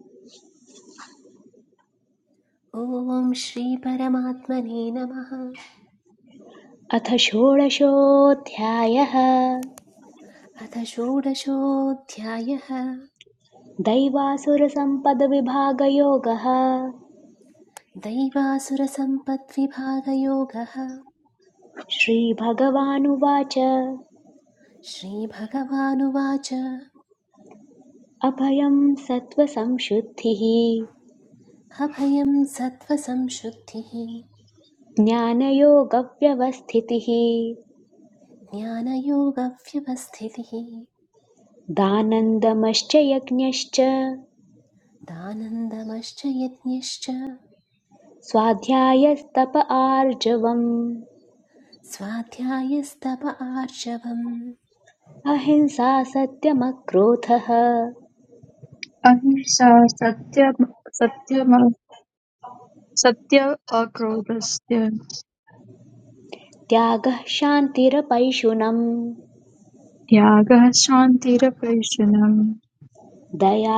S3: ॐ श्रीपरमात्मने नमः
S1: अथ षोडशोऽध्यायः
S3: अथ षोडशोऽध्यायः
S1: दैवासुरसम्पदविभागयोगः
S3: दैवासुरसम्पद्विभागयोगः
S1: श्रीभगवानुवाच
S3: श्रीभगवानुवाच
S1: अभयं सत्त्वसंशुद्धिः
S3: अभयं सत्त्वसंशुद्धिः
S1: ज्ञानयोगव्यवस्थितिः
S3: ज्ञानयोगव्यवस्थितिः
S1: दानन्दमश्च यज्ञश्च
S3: दानन्दमश्च यज्ञश्च
S1: स्वाध्यायस्तप आर्जवम्
S3: स्वाध्यायस्तप आर्जवम्
S1: अहिंसा सत्यमक्रोधः
S5: अहिंसा सत्यम सत्यम सत्यः अक्रोधस्य
S1: त्यागः शान्तिरपैशुनम्
S5: त्यागः शान्तिरपैशुनम्
S1: दया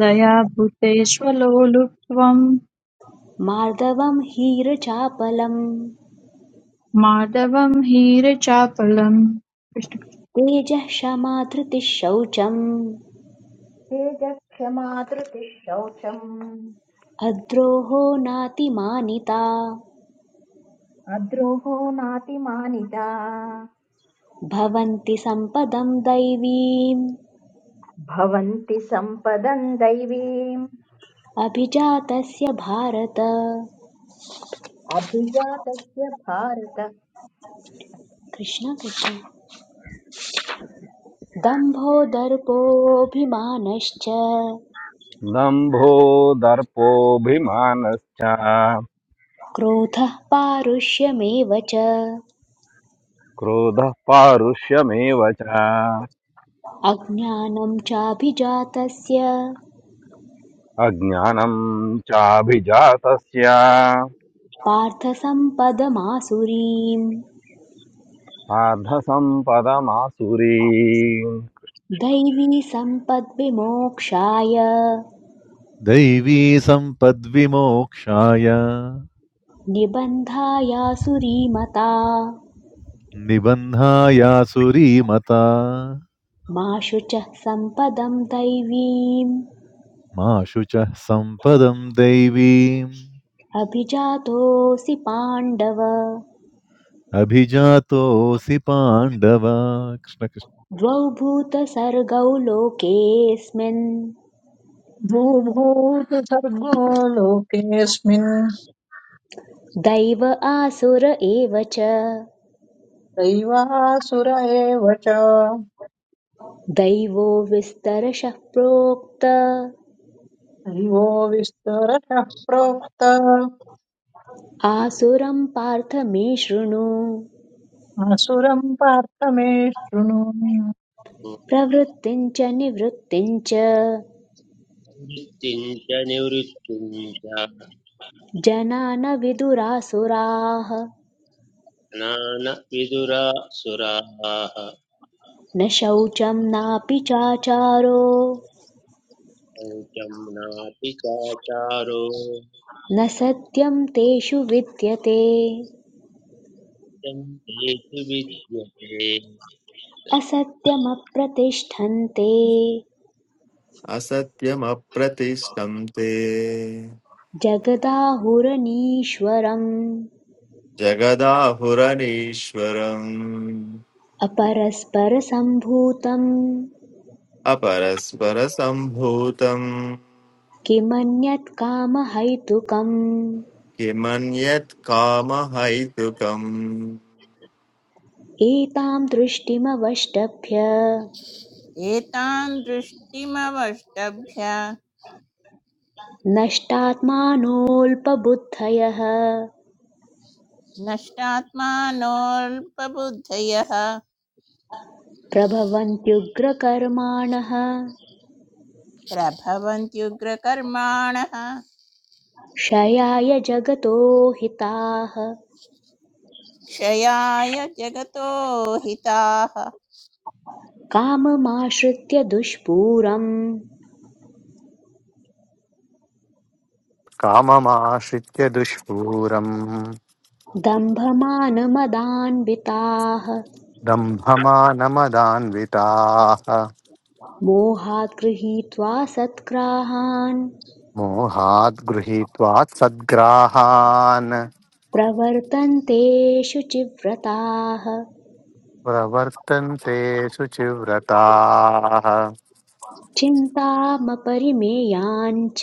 S5: दया भूतेष्वलो लुप्त्वम्
S1: मार्दवम् हीरचापलम्
S5: माधवम् हीरचापलम्
S1: तेजः क्षमा धृतिः शौचम्
S6: तेजक्षमा धृतिः शौचम्
S1: अद्रोहो नातिमानिता
S6: अद्रोहो नातिमानिता
S1: भवन्ति सम्पदं दैवीम्
S6: भवन्ति सम्पदम् दैवीम्
S1: अभिजातस्य भारत
S6: अभिजातस्य भारत
S1: कृष्ण कृष्ण दम्भो दर्पोऽभिमानश्च
S8: दम्भो दर्पोऽभिमानश्च
S1: क्रोधः पारुष्यमेव च
S8: क्रोधः पारुष्यमेव च
S1: अज्ञानं चाभिजातस्य
S8: अज्ञानं चाभिजातस्य
S1: पार्थसम्पदमासुरीम्
S8: పార్థ సంపదమాసురీ
S1: दैवी सम्पद्विमोक्षाय
S4: दैवी सम्पद्विमोक्षाय
S1: निबन्धायासुरीमता
S4: निबन्धायासुरीमता
S1: मा शुचः सम्पदं दैवीम्
S4: मा शुचः सम्पदं दैवीम्
S1: अभिजातोऽसि पाण्डव
S4: अभिजातोऽसि पाण्डव कृष्णकृष्ण
S1: द्वौ भूतसर्गौ लोकेऽस्मिन्
S9: भूभूत सर्गो लोकेऽस्मिन्
S1: दैव आसुर एव च
S9: दैवासुर एव च
S1: दैवो विस्तरशः प्रोक्त
S9: दैवो विस्तरशः प्रोक्त
S1: आसुरं पार्थ मे शृणु
S9: असुरम् पार्थ मे शृणु
S1: प्रवृत्तिं च निवृत्तिं च
S10: वृत्तिं च निवृत्तिं च
S1: जना न विदुरासुराः
S10: ज्ञान विदुरासुराः
S1: न शौचं नापि चाचारो
S10: शौचं नापि चाचारो
S1: न सत्यं तेषु विद्यते
S10: यं तेषु विद्यते
S1: असत्यमप्रतिष्ठन्ते
S11: असत्यमप्रतिष्ठं ते
S1: जगदाहुरनीश्वरम्
S11: जगदाहुरनीश्वरम्
S1: अपरस्परसम्भूतम्
S11: अपरस्परसम्भूतम्
S1: किमन्यत् कामहैतुकम्
S11: किमन्यत् कामहैतुकम्
S1: एतां दृष्टिमवष्टभ्य
S7: एतान् दृष्टिमवष्टभ्य
S1: नष्टात्मानोऽल्पबुद्धयः
S7: नष्टात्मानोऽल्पबुद्धयः
S1: प्रभवन्त्युग्रकर्माणः
S7: प्रभवन्त्युग्रकर्माणः
S1: क्षयाय जगतो हिताः
S7: क्षयाय जगतो हिताः
S1: काममाश्रित्य दुष्पूरम्
S2: काममाश्रित्य दुष्पूरम्
S1: दम्भमानमदान्विताः
S2: दम्भमानमदान्विताः
S1: मोहात् गृहीत्वा सत्क्राहान्
S2: मोहाद् गृहीत्वा सद्ग्राहान्
S1: प्रवर्तन्ते शुचिव्रताः
S2: प्रवर्तन्ते शुचिव्रताः
S1: चिन्तामपरिमेयाञ्च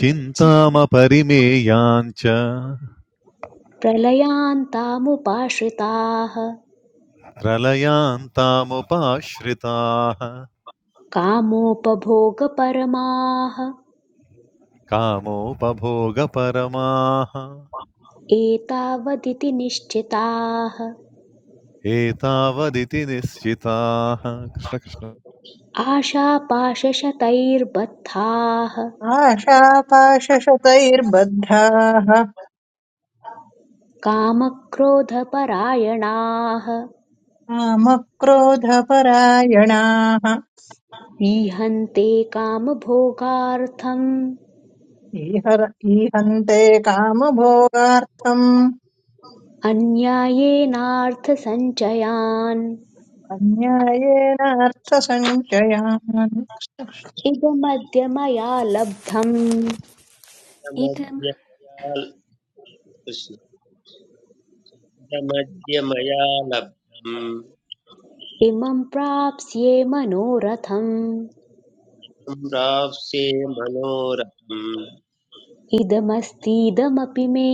S4: चिन्तामपरिमेयाम् च
S1: प्रलयान्तामुपाश्रिताः
S4: प्रलयान्तामुपाश्रिताः
S1: कामोपभोगपरमाः
S4: कामोपभोगपरमाः
S1: एतावदिति निश्चिताः
S4: एतावदिति निश्चिताः कृष्णकृष्ण
S1: आशापाशशतैर्बद्धाः
S9: आशापाशशतैर्बद्धाः
S1: कामक्रोधपरायणाः
S9: कामक्रोधपरायणाः
S1: ईहन्ते कामभोगार्थम्
S9: ईहर ईहन्ते कामभोगार्थम्
S1: अन्यायेनार्थसञ्चयान्
S9: अन्यायेनार्थसञ्चयान्
S1: इदमद्य मया लब्धम्
S3: इदम्
S10: यमद्यमया कृष्ण यमद्यमया लब्धं
S1: इमं प्राप्स्ये मनोरथम्
S10: तं प्राप्स्ये मनोरथं
S1: इदमस्तीदमपि मे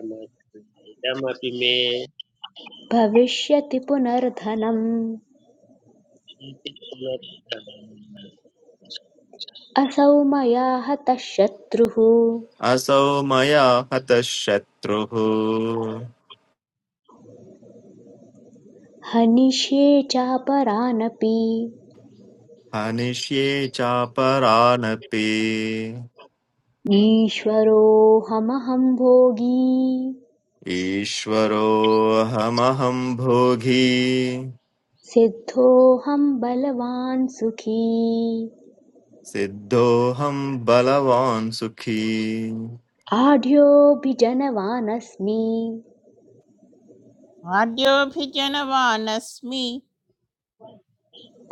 S10: यमस्तीदमपि मे
S1: भविष्यति पुनर्धनम्
S10: इति पुनर्धनम्
S1: असौ मया हतः शत्रुः
S11: असौ मया हतः शत्रुः
S1: हनिष्ये चापरानपि
S11: हनिष्ये चापरानपि
S1: ईश्वरोऽहमहं भोगी
S11: ईश्वरोऽहमहं भोगी
S1: सिद्धोऽहं बलवान् सुखी
S11: सिद्धोऽहं बलवान् सुखी
S1: आढ्योऽभिजनवानस्मि
S7: पाड्योऽभिजनवानस्मि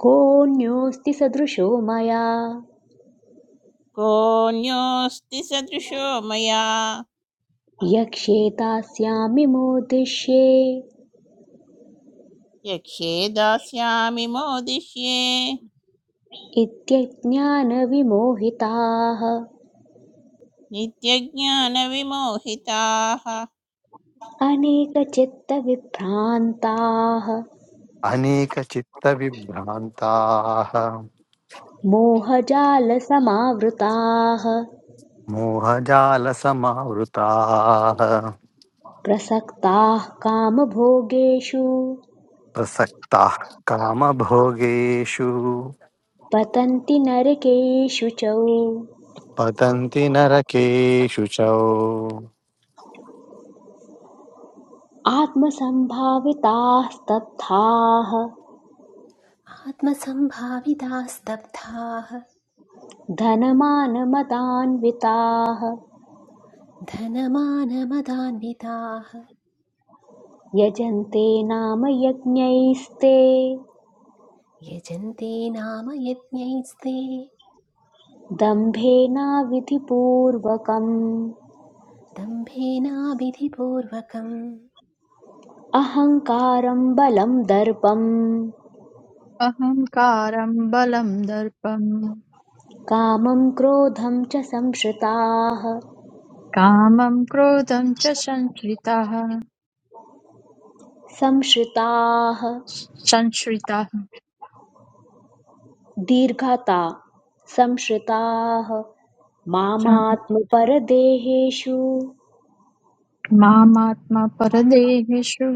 S1: कोऽन्योऽस्ति सदृशो मया
S7: कोऽन्योऽस्ति सदृशो मया
S1: यक्ष्येतास्यामि मोदिष्ये
S7: यक्षे दास्यामि मोदिष्ये
S1: इत्यज्ञानविमोहिताः
S7: नित्यज्ञानविमोहिताः
S1: अनेकचित्तविभ्रान्ताः
S2: अनेकचित्तविभ्रान्ताः
S1: मोहजालसमावृताः
S2: मोहजालसमावृताः
S1: प्रसक्ताः कामभोगेषु
S2: प्रसक्ताः कामभोगेषु
S1: पतन्ति नरकेषु च
S2: पतन्ति नरकेषु च
S1: आत्मसम्भाविताः स्तब्धाः
S3: आत्मसम्भाविता स्तब्धाः
S1: धनमानमदान्विताः
S3: धनमानमदान्विताः
S1: यजन्ते नाम यज्ञैस्ते
S3: यजन्ते नाम यज्ञैस्ते
S1: दम्भेनाविधिपूर्वकम्
S3: दम्भेनाभिधिपूर्वकम्
S1: अहङ्कारं बलं दर्पं
S5: अहङ्कारम् बलम् दर्पम्
S1: कामं क्रोधं च संश्रिताः
S5: कामम् क्रोधं च संश्रिताः
S1: संश्रिताः
S5: संश्रिताः
S1: दीर्घता संश्रिताः
S5: सन्-
S1: मामात्मपरदेहेषु
S5: मामात्मपरदेहेषु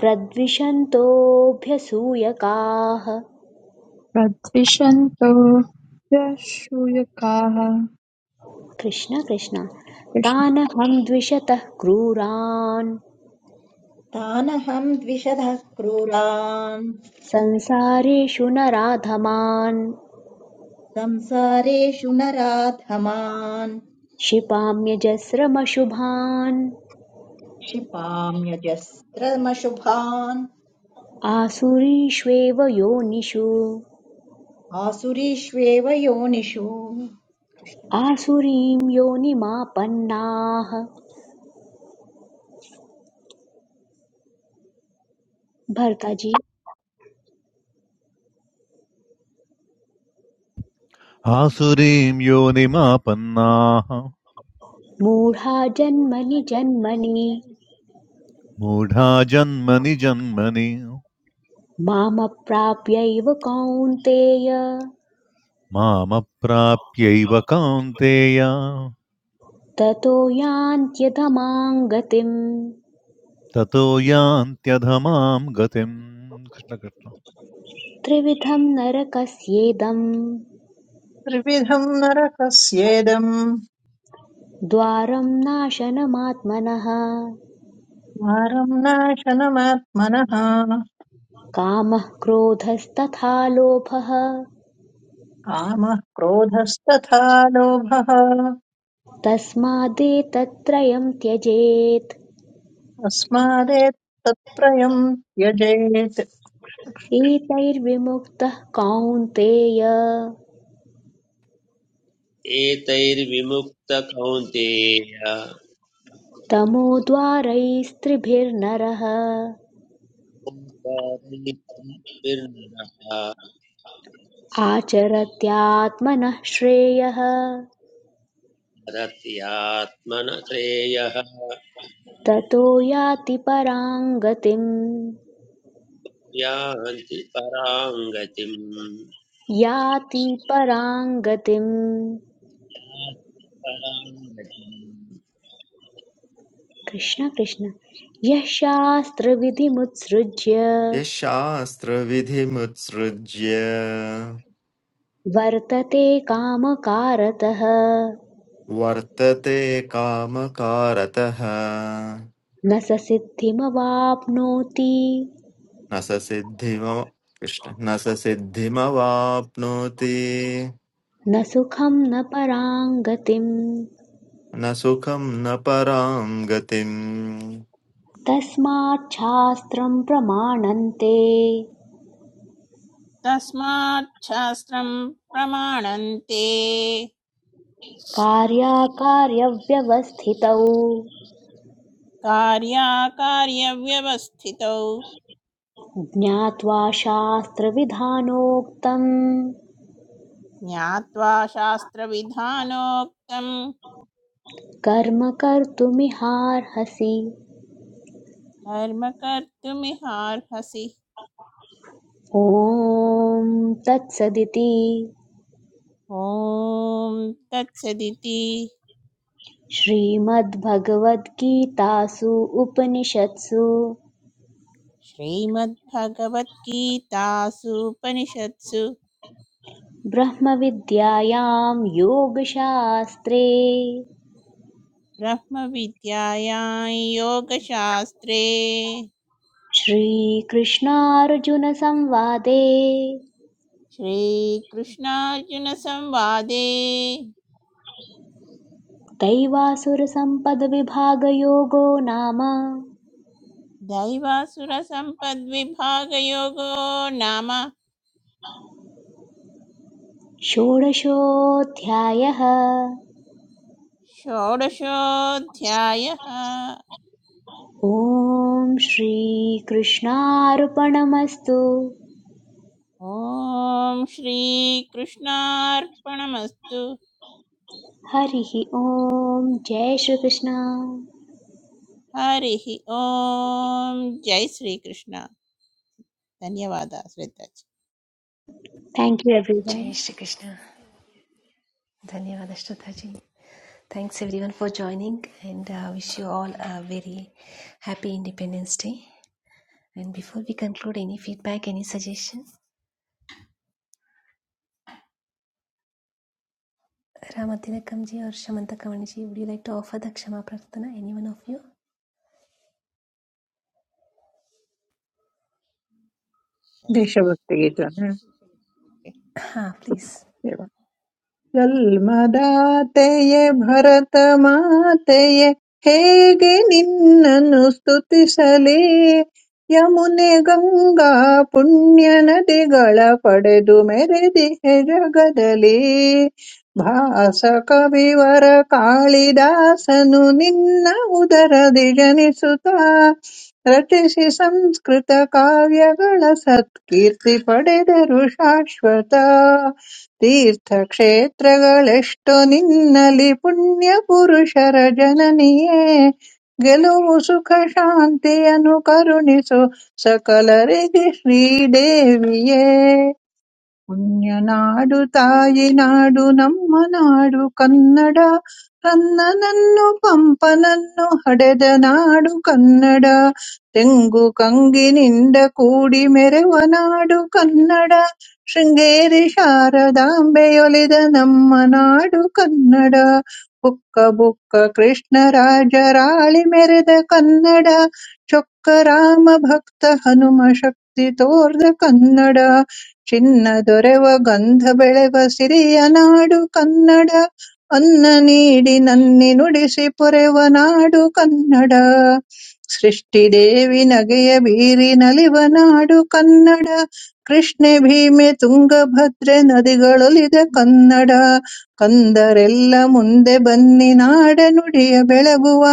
S1: प्रद्विषन्तोऽभ्यसूयकाः
S5: प्रद्विषन्तो ह्यश्रूयकाः
S1: कृष्ण कृष्ण
S5: कृष्ण-
S1: तानहं द्विषतः क्रूरान्
S6: तानहम् द्विषधः क्रूरान्
S1: संसारेषु नराधमान्
S6: संसारेषु नराधमान्
S1: क्षिपाम्यजस्रमशुभान्
S6: क्षिपाम्यजस्रमशुभान्
S1: आसुरीष्वेव योनिषु
S6: आसुरीष्वेव योनिषु
S1: आसुरीं योनिमापन्नाः भर्ताजी
S4: आसुरीं योनिमापन्नाः
S1: मूढ़ा जन्मनि जन्मनि
S4: मूढा जन्मनि जन्मनि
S1: मामप्राप्यैव कौन्तेय
S4: मामप्राप्यैव कौन्तेय
S1: ततो यान्त्यधमां गतिम्
S4: ततो यान्त्यधमां गतिम् कृष्ण कृष्ण
S1: त्रिविधं नरकस्येदम्
S9: त्रिविधम् नरकस्येदम्
S1: द्वारं नाशनमात्मनः
S9: द्वारम् नाशनमात्मनः
S1: कामः क्रोधस्तथा लोभः
S9: कामः क्रोधस्तथा लोभः
S1: तस्मादेतत्त्रयं त्यजेत्
S9: तस्मादेतत्त्रयम् त्यजेत्
S1: एतैर्विमुक्तः कौन्तेय
S10: एतैर्विमुक्तकौन्तेय
S1: तमोद्वारैस्त्रिभिर्नरः आचरत्यात्मनः श्रेयः
S10: रत्यात्मन श्रेयः
S1: ततो याति परां गतिम्
S10: यान्ति पराङ्गतिम्
S1: याति परां गतिम् कृष्ण कृष्ण यः शास्त्रविधिमुत्सृज्य
S11: यशास्त्रविधिमुत्सृज्य
S1: वर्तते कामकारतः
S11: वर्तते कामकारतः
S1: न स सिद्धिमवाप्नोति
S11: न स सिद्धिम कृष्ण न स सिद्धिमवाप्नोति
S1: न सुखं न परां गतिम्
S11: न सुखं न पराम गतिम्
S1: तस्माच्छास्त्रं प्रमाणन्ते
S7: तस्मात् शास्त्रम् प्रमाणन्ते
S1: कार्याकार्यव्यवस्थितौ
S7: कार्याकार्यव्यवस्थितौ
S1: ज्ञात्वा शास्त्रविधानोक्तं
S7: ज्ञात्वा शास्त्रविधानोक्तं
S1: कर्म कर्तुमिहार्हसि
S7: कर्म कर्तुमिहार्हसि
S1: ॐ तत्सदिति
S7: ॐ तत्सदिति
S1: श्रीमद्भगवद्गीतासु उपनिषत्सु
S7: श्रीमद्भगवद्गीतासूपनिषत्सु
S1: ब्रह्मविद्यायां योगशास्त्रे
S7: ब्रह्मविद्यायां योगशास्त्रे
S1: श्रीकृष्णार्जुनसंवादे
S7: श्रीकृष्णार्जुनसंवादे
S1: दैवासुरसम्पदविभागयोगो नाम
S7: दैवासुरसम्पद्विभागयोगो नाम
S1: षोडशोऽध्यायः
S7: षोडशोऽध्यायः
S1: ॐ श्रीकृष्णार्पणमस्तु
S7: ॐ श्रीकृष्णार्पणमस्तु
S1: हरिः ॐ जय श्रीकृष्ण
S7: हरिः ॐ जय श्रीकृष्ण धन्यवादः श्रद्धा
S1: थैंक यू
S3: जय
S1: एवरीवन
S3: श्री कृष्ण धन्यवाद श्रोता जी thanks everyone for joining and wish you all a very happy Independence Day and before we conclude any feedback any suggestion Ramatilakam ji और Shamanta Kavan ji would you like to offer the क्षमा प्रार्थना एनी वन ऑफ यू
S7: जी
S9: देशभक्तिगीतम्
S3: हाँ please
S9: ಜನ್ಮದಾತೆಯೇ Bharata ಮಾತೆಯೇ ಹೇಗೆ ನಿನ್ನನ್ನು ಸ್ತುತಿಸಲಿ ಯಮುನೆ ಗಂಗಾ ಪುಣ್ಯ ನದಿಗಳ ಪಡೆದು ಮೆರೆದಿಹೆ ಜಗದಲ್ಲಿ ಭಾಸ ಕವಿವರ ಕಾಳಿದಾಸನು ನಿನ್ನ ಉದರದಿ ಜನಿಸುತ್ತ ರಚಿಸಿ ಸಂಸ್ಕೃತ ಕಾವ್ಯಗಳ ಸತ್ಕೀರ್ತಿ ಪಡೆದರು ಶಾಶ್ವತ ತೀರ್ಥಕ್ಷೇತ್ರಗಳೆಷ್ಟು ನಿನ್ನಲಿ ಪುಣ್ಯಪುರುಷರ ಜನನಿಯೇ ಗೆಲುವು ಸುಖ ಶಾಂತಿಯನ್ನು ಕರುಣಿಸು ಸಕಲರಿಗೆ ಶ್ರೀದೇವಿಯೇ ಪುಣ್ಯನಾಡು ತಾಯಿ ನಾಡು ನಮ್ಮ ನಾಡು ಕನ್ನಡ ಕನ್ನನನ್ನು ಪಂಪನನ್ನು ಹಡೆದ ನಾಡು ಕನ್ನಡ ತೆಂಗು ಕಂಗಿನಿಂದ ಕೂಡಿ ಮೆರೆವ ನಾಡು ಕನ್ನಡ ಶೃಂಗೇರಿ ಶಾರದಾಂಬೆಯೊಲಿದ ನಮ್ಮ ನಾಡು ಕನ್ನಡ ಬುಕ್ಕ ಬುಕ್ಕ ಕೃಷ್ಣರಾಜ ರಾಳಿ ಮೆರೆದ ಕನ್ನಡ ಚೊಕ್ಕ ರಾಮ ಭಕ್ತ ಹನುಮ ಶಕ್ತಿ ತೋರ್ದ ಕನ್ನಡ ಚಿನ್ನ ದೊರೆವ ಗಂಧ ಬೆಳೆವ ಸಿರಿಯ ನಾಡು ಕನ್ನಡ ಅನ್ನ ನೀಡಿ ನನ್ನಿ ನುಡಿಸಿ ಪೊರೆವ ನಾಡು ಕನ್ನಡ ಸೃಷ್ಟಿ ದೇವಿ ನಗೆಯ ಬೀರಿ ನಲಿವ ನಾಡು ಕನ್ನಡ ಕೃಷ್ಣೆ ಭೀಮೆ ತುಂಗಭದ್ರೆ ನದಿಗಳೊಲಿದ ಕನ್ನಡ ಕಂದರೆಲ್ಲ ಮುಂದೆ ಬನ್ನಿ ನಾಡ ನುಡಿಯ ಬೆಳಗುವ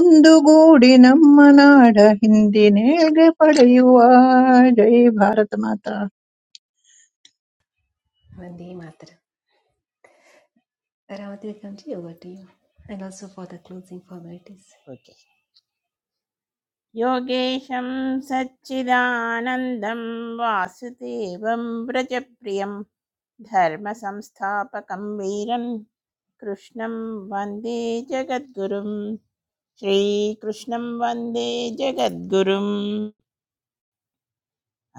S9: ಒಂದುಗೂಡಿ ನಮ್ಮ ನಾಡ ಹಿಂದಿನೇಳ್ಗೆ ಪಡೆಯುವ ಜೈ Bharat Mata
S3: Vande Mataram. Aravat will continue over to you. And also for the closing formalities.
S7: Okay योगेशं सच्चिदानन्दं वासुदेवं व्रजप्रियं धर्मसंस्थापकं वीरं कृष्णं वन्दे जगद्गुरुं श्रीकृष्णं वन्दे जगद्गुरुम्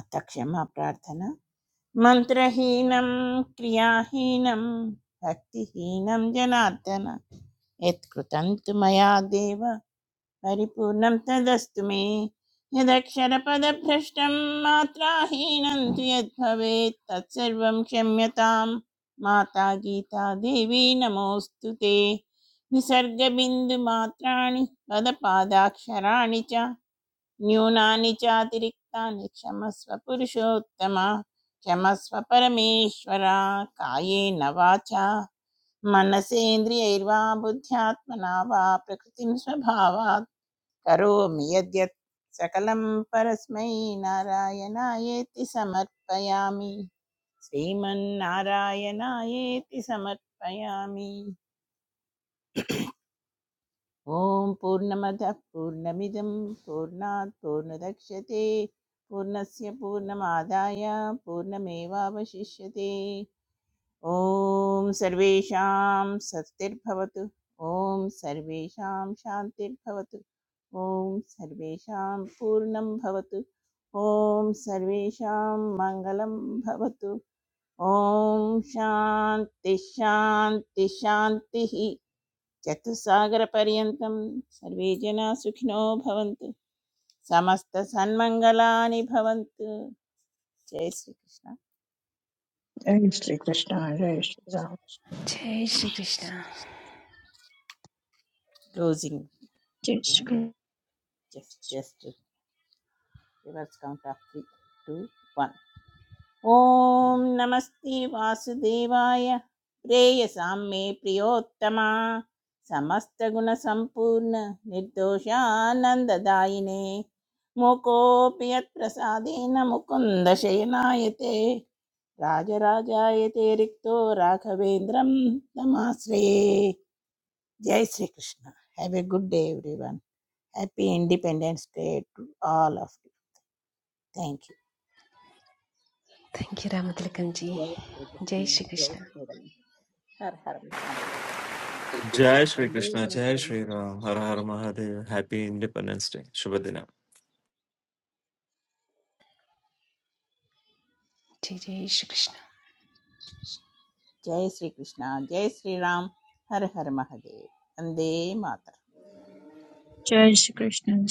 S7: अथ क्षमा प्रार्थना Mantra-hinam kriya-hinam bhakti-hinam janatana Yat-krutantu maya-deva paripurnam tadastume Yadakshara-padaphrashtam matra-hinam tuyadbhavet Tatsarvam-shamyatam matagita-devi namo-stute Nisarga-bindu matra-ni padapadakshara-ni-ca न्यूनानि चातिरिक्तानि क्षमस्व पुरुषोत्तम क्षमस्व परमेश्वर कायेन वाचा मनसेन्द्रियैर्वा बुद्ध्यात्मना वा प्रकृतिं स्वभावात् करोमि यद्यत् सकलं परस्मै नारायणायेति समर्पयामि श्रीमन्नारायणायेति समर्पयामि ॐ पूर्णमदः पूर्णमिदं पूर्णात् पूर्णदक्ष्यते पूर्णस्य पूर्णमादाय पूर्णमेवावशिष्यते ॐ सर्वेषां स्वस्तिर्भवतु ॐ सर्वेषां शान्तिर्भवतु ॐ सर्वेषां पूर्णं भवतु ॐ सर्वेषां मङ्गलं भवतु ॐ शान्तिः शान्तिः शान्तिः चतुस्सागरपर्यन्तं सर्वे जनाः सुखिनो भवन्तु समस्तसन्मङ्गलानि भवन्तु जय Shri Krishna
S9: I used to understand. I used to.
S3: Jai Shri Krishna.
S7: Closing the
S5: जय Shri
S7: room
S5: Krishna-
S7: just just reverse count of three two ॐ नमस्ते वासुदेवाय प्रेयसां मे प्रियोत्तमा समस्तगुणसम्पूर्ण निर्दोषानन्ददायिने मुकोऽपि यत्प्रसादेन मुकुन्दशयनायते राजराजायते रिक्तो राघवेन्द्रं नमाश्रये जय Shri Krishna have a good day everyone happy Independence Day to all of you thank you
S3: Thank you, Ramatilakamji.
S6: Close.
S3: Jai
S6: Close.
S3: Shri Krishna.
S6: Close. Every. Every.
S11: Jai Shri Krishna, Jai Shri
S6: Every.
S11: Ram, Har Har Mahadev. Happy Independence Day. Shubh Dinam.
S3: Jai Jai Shri Krishna.
S7: जय श्री कृष्णा जय श्री राम हर हर महादेव वंदे मातरम
S5: जय श्रीकृष्ण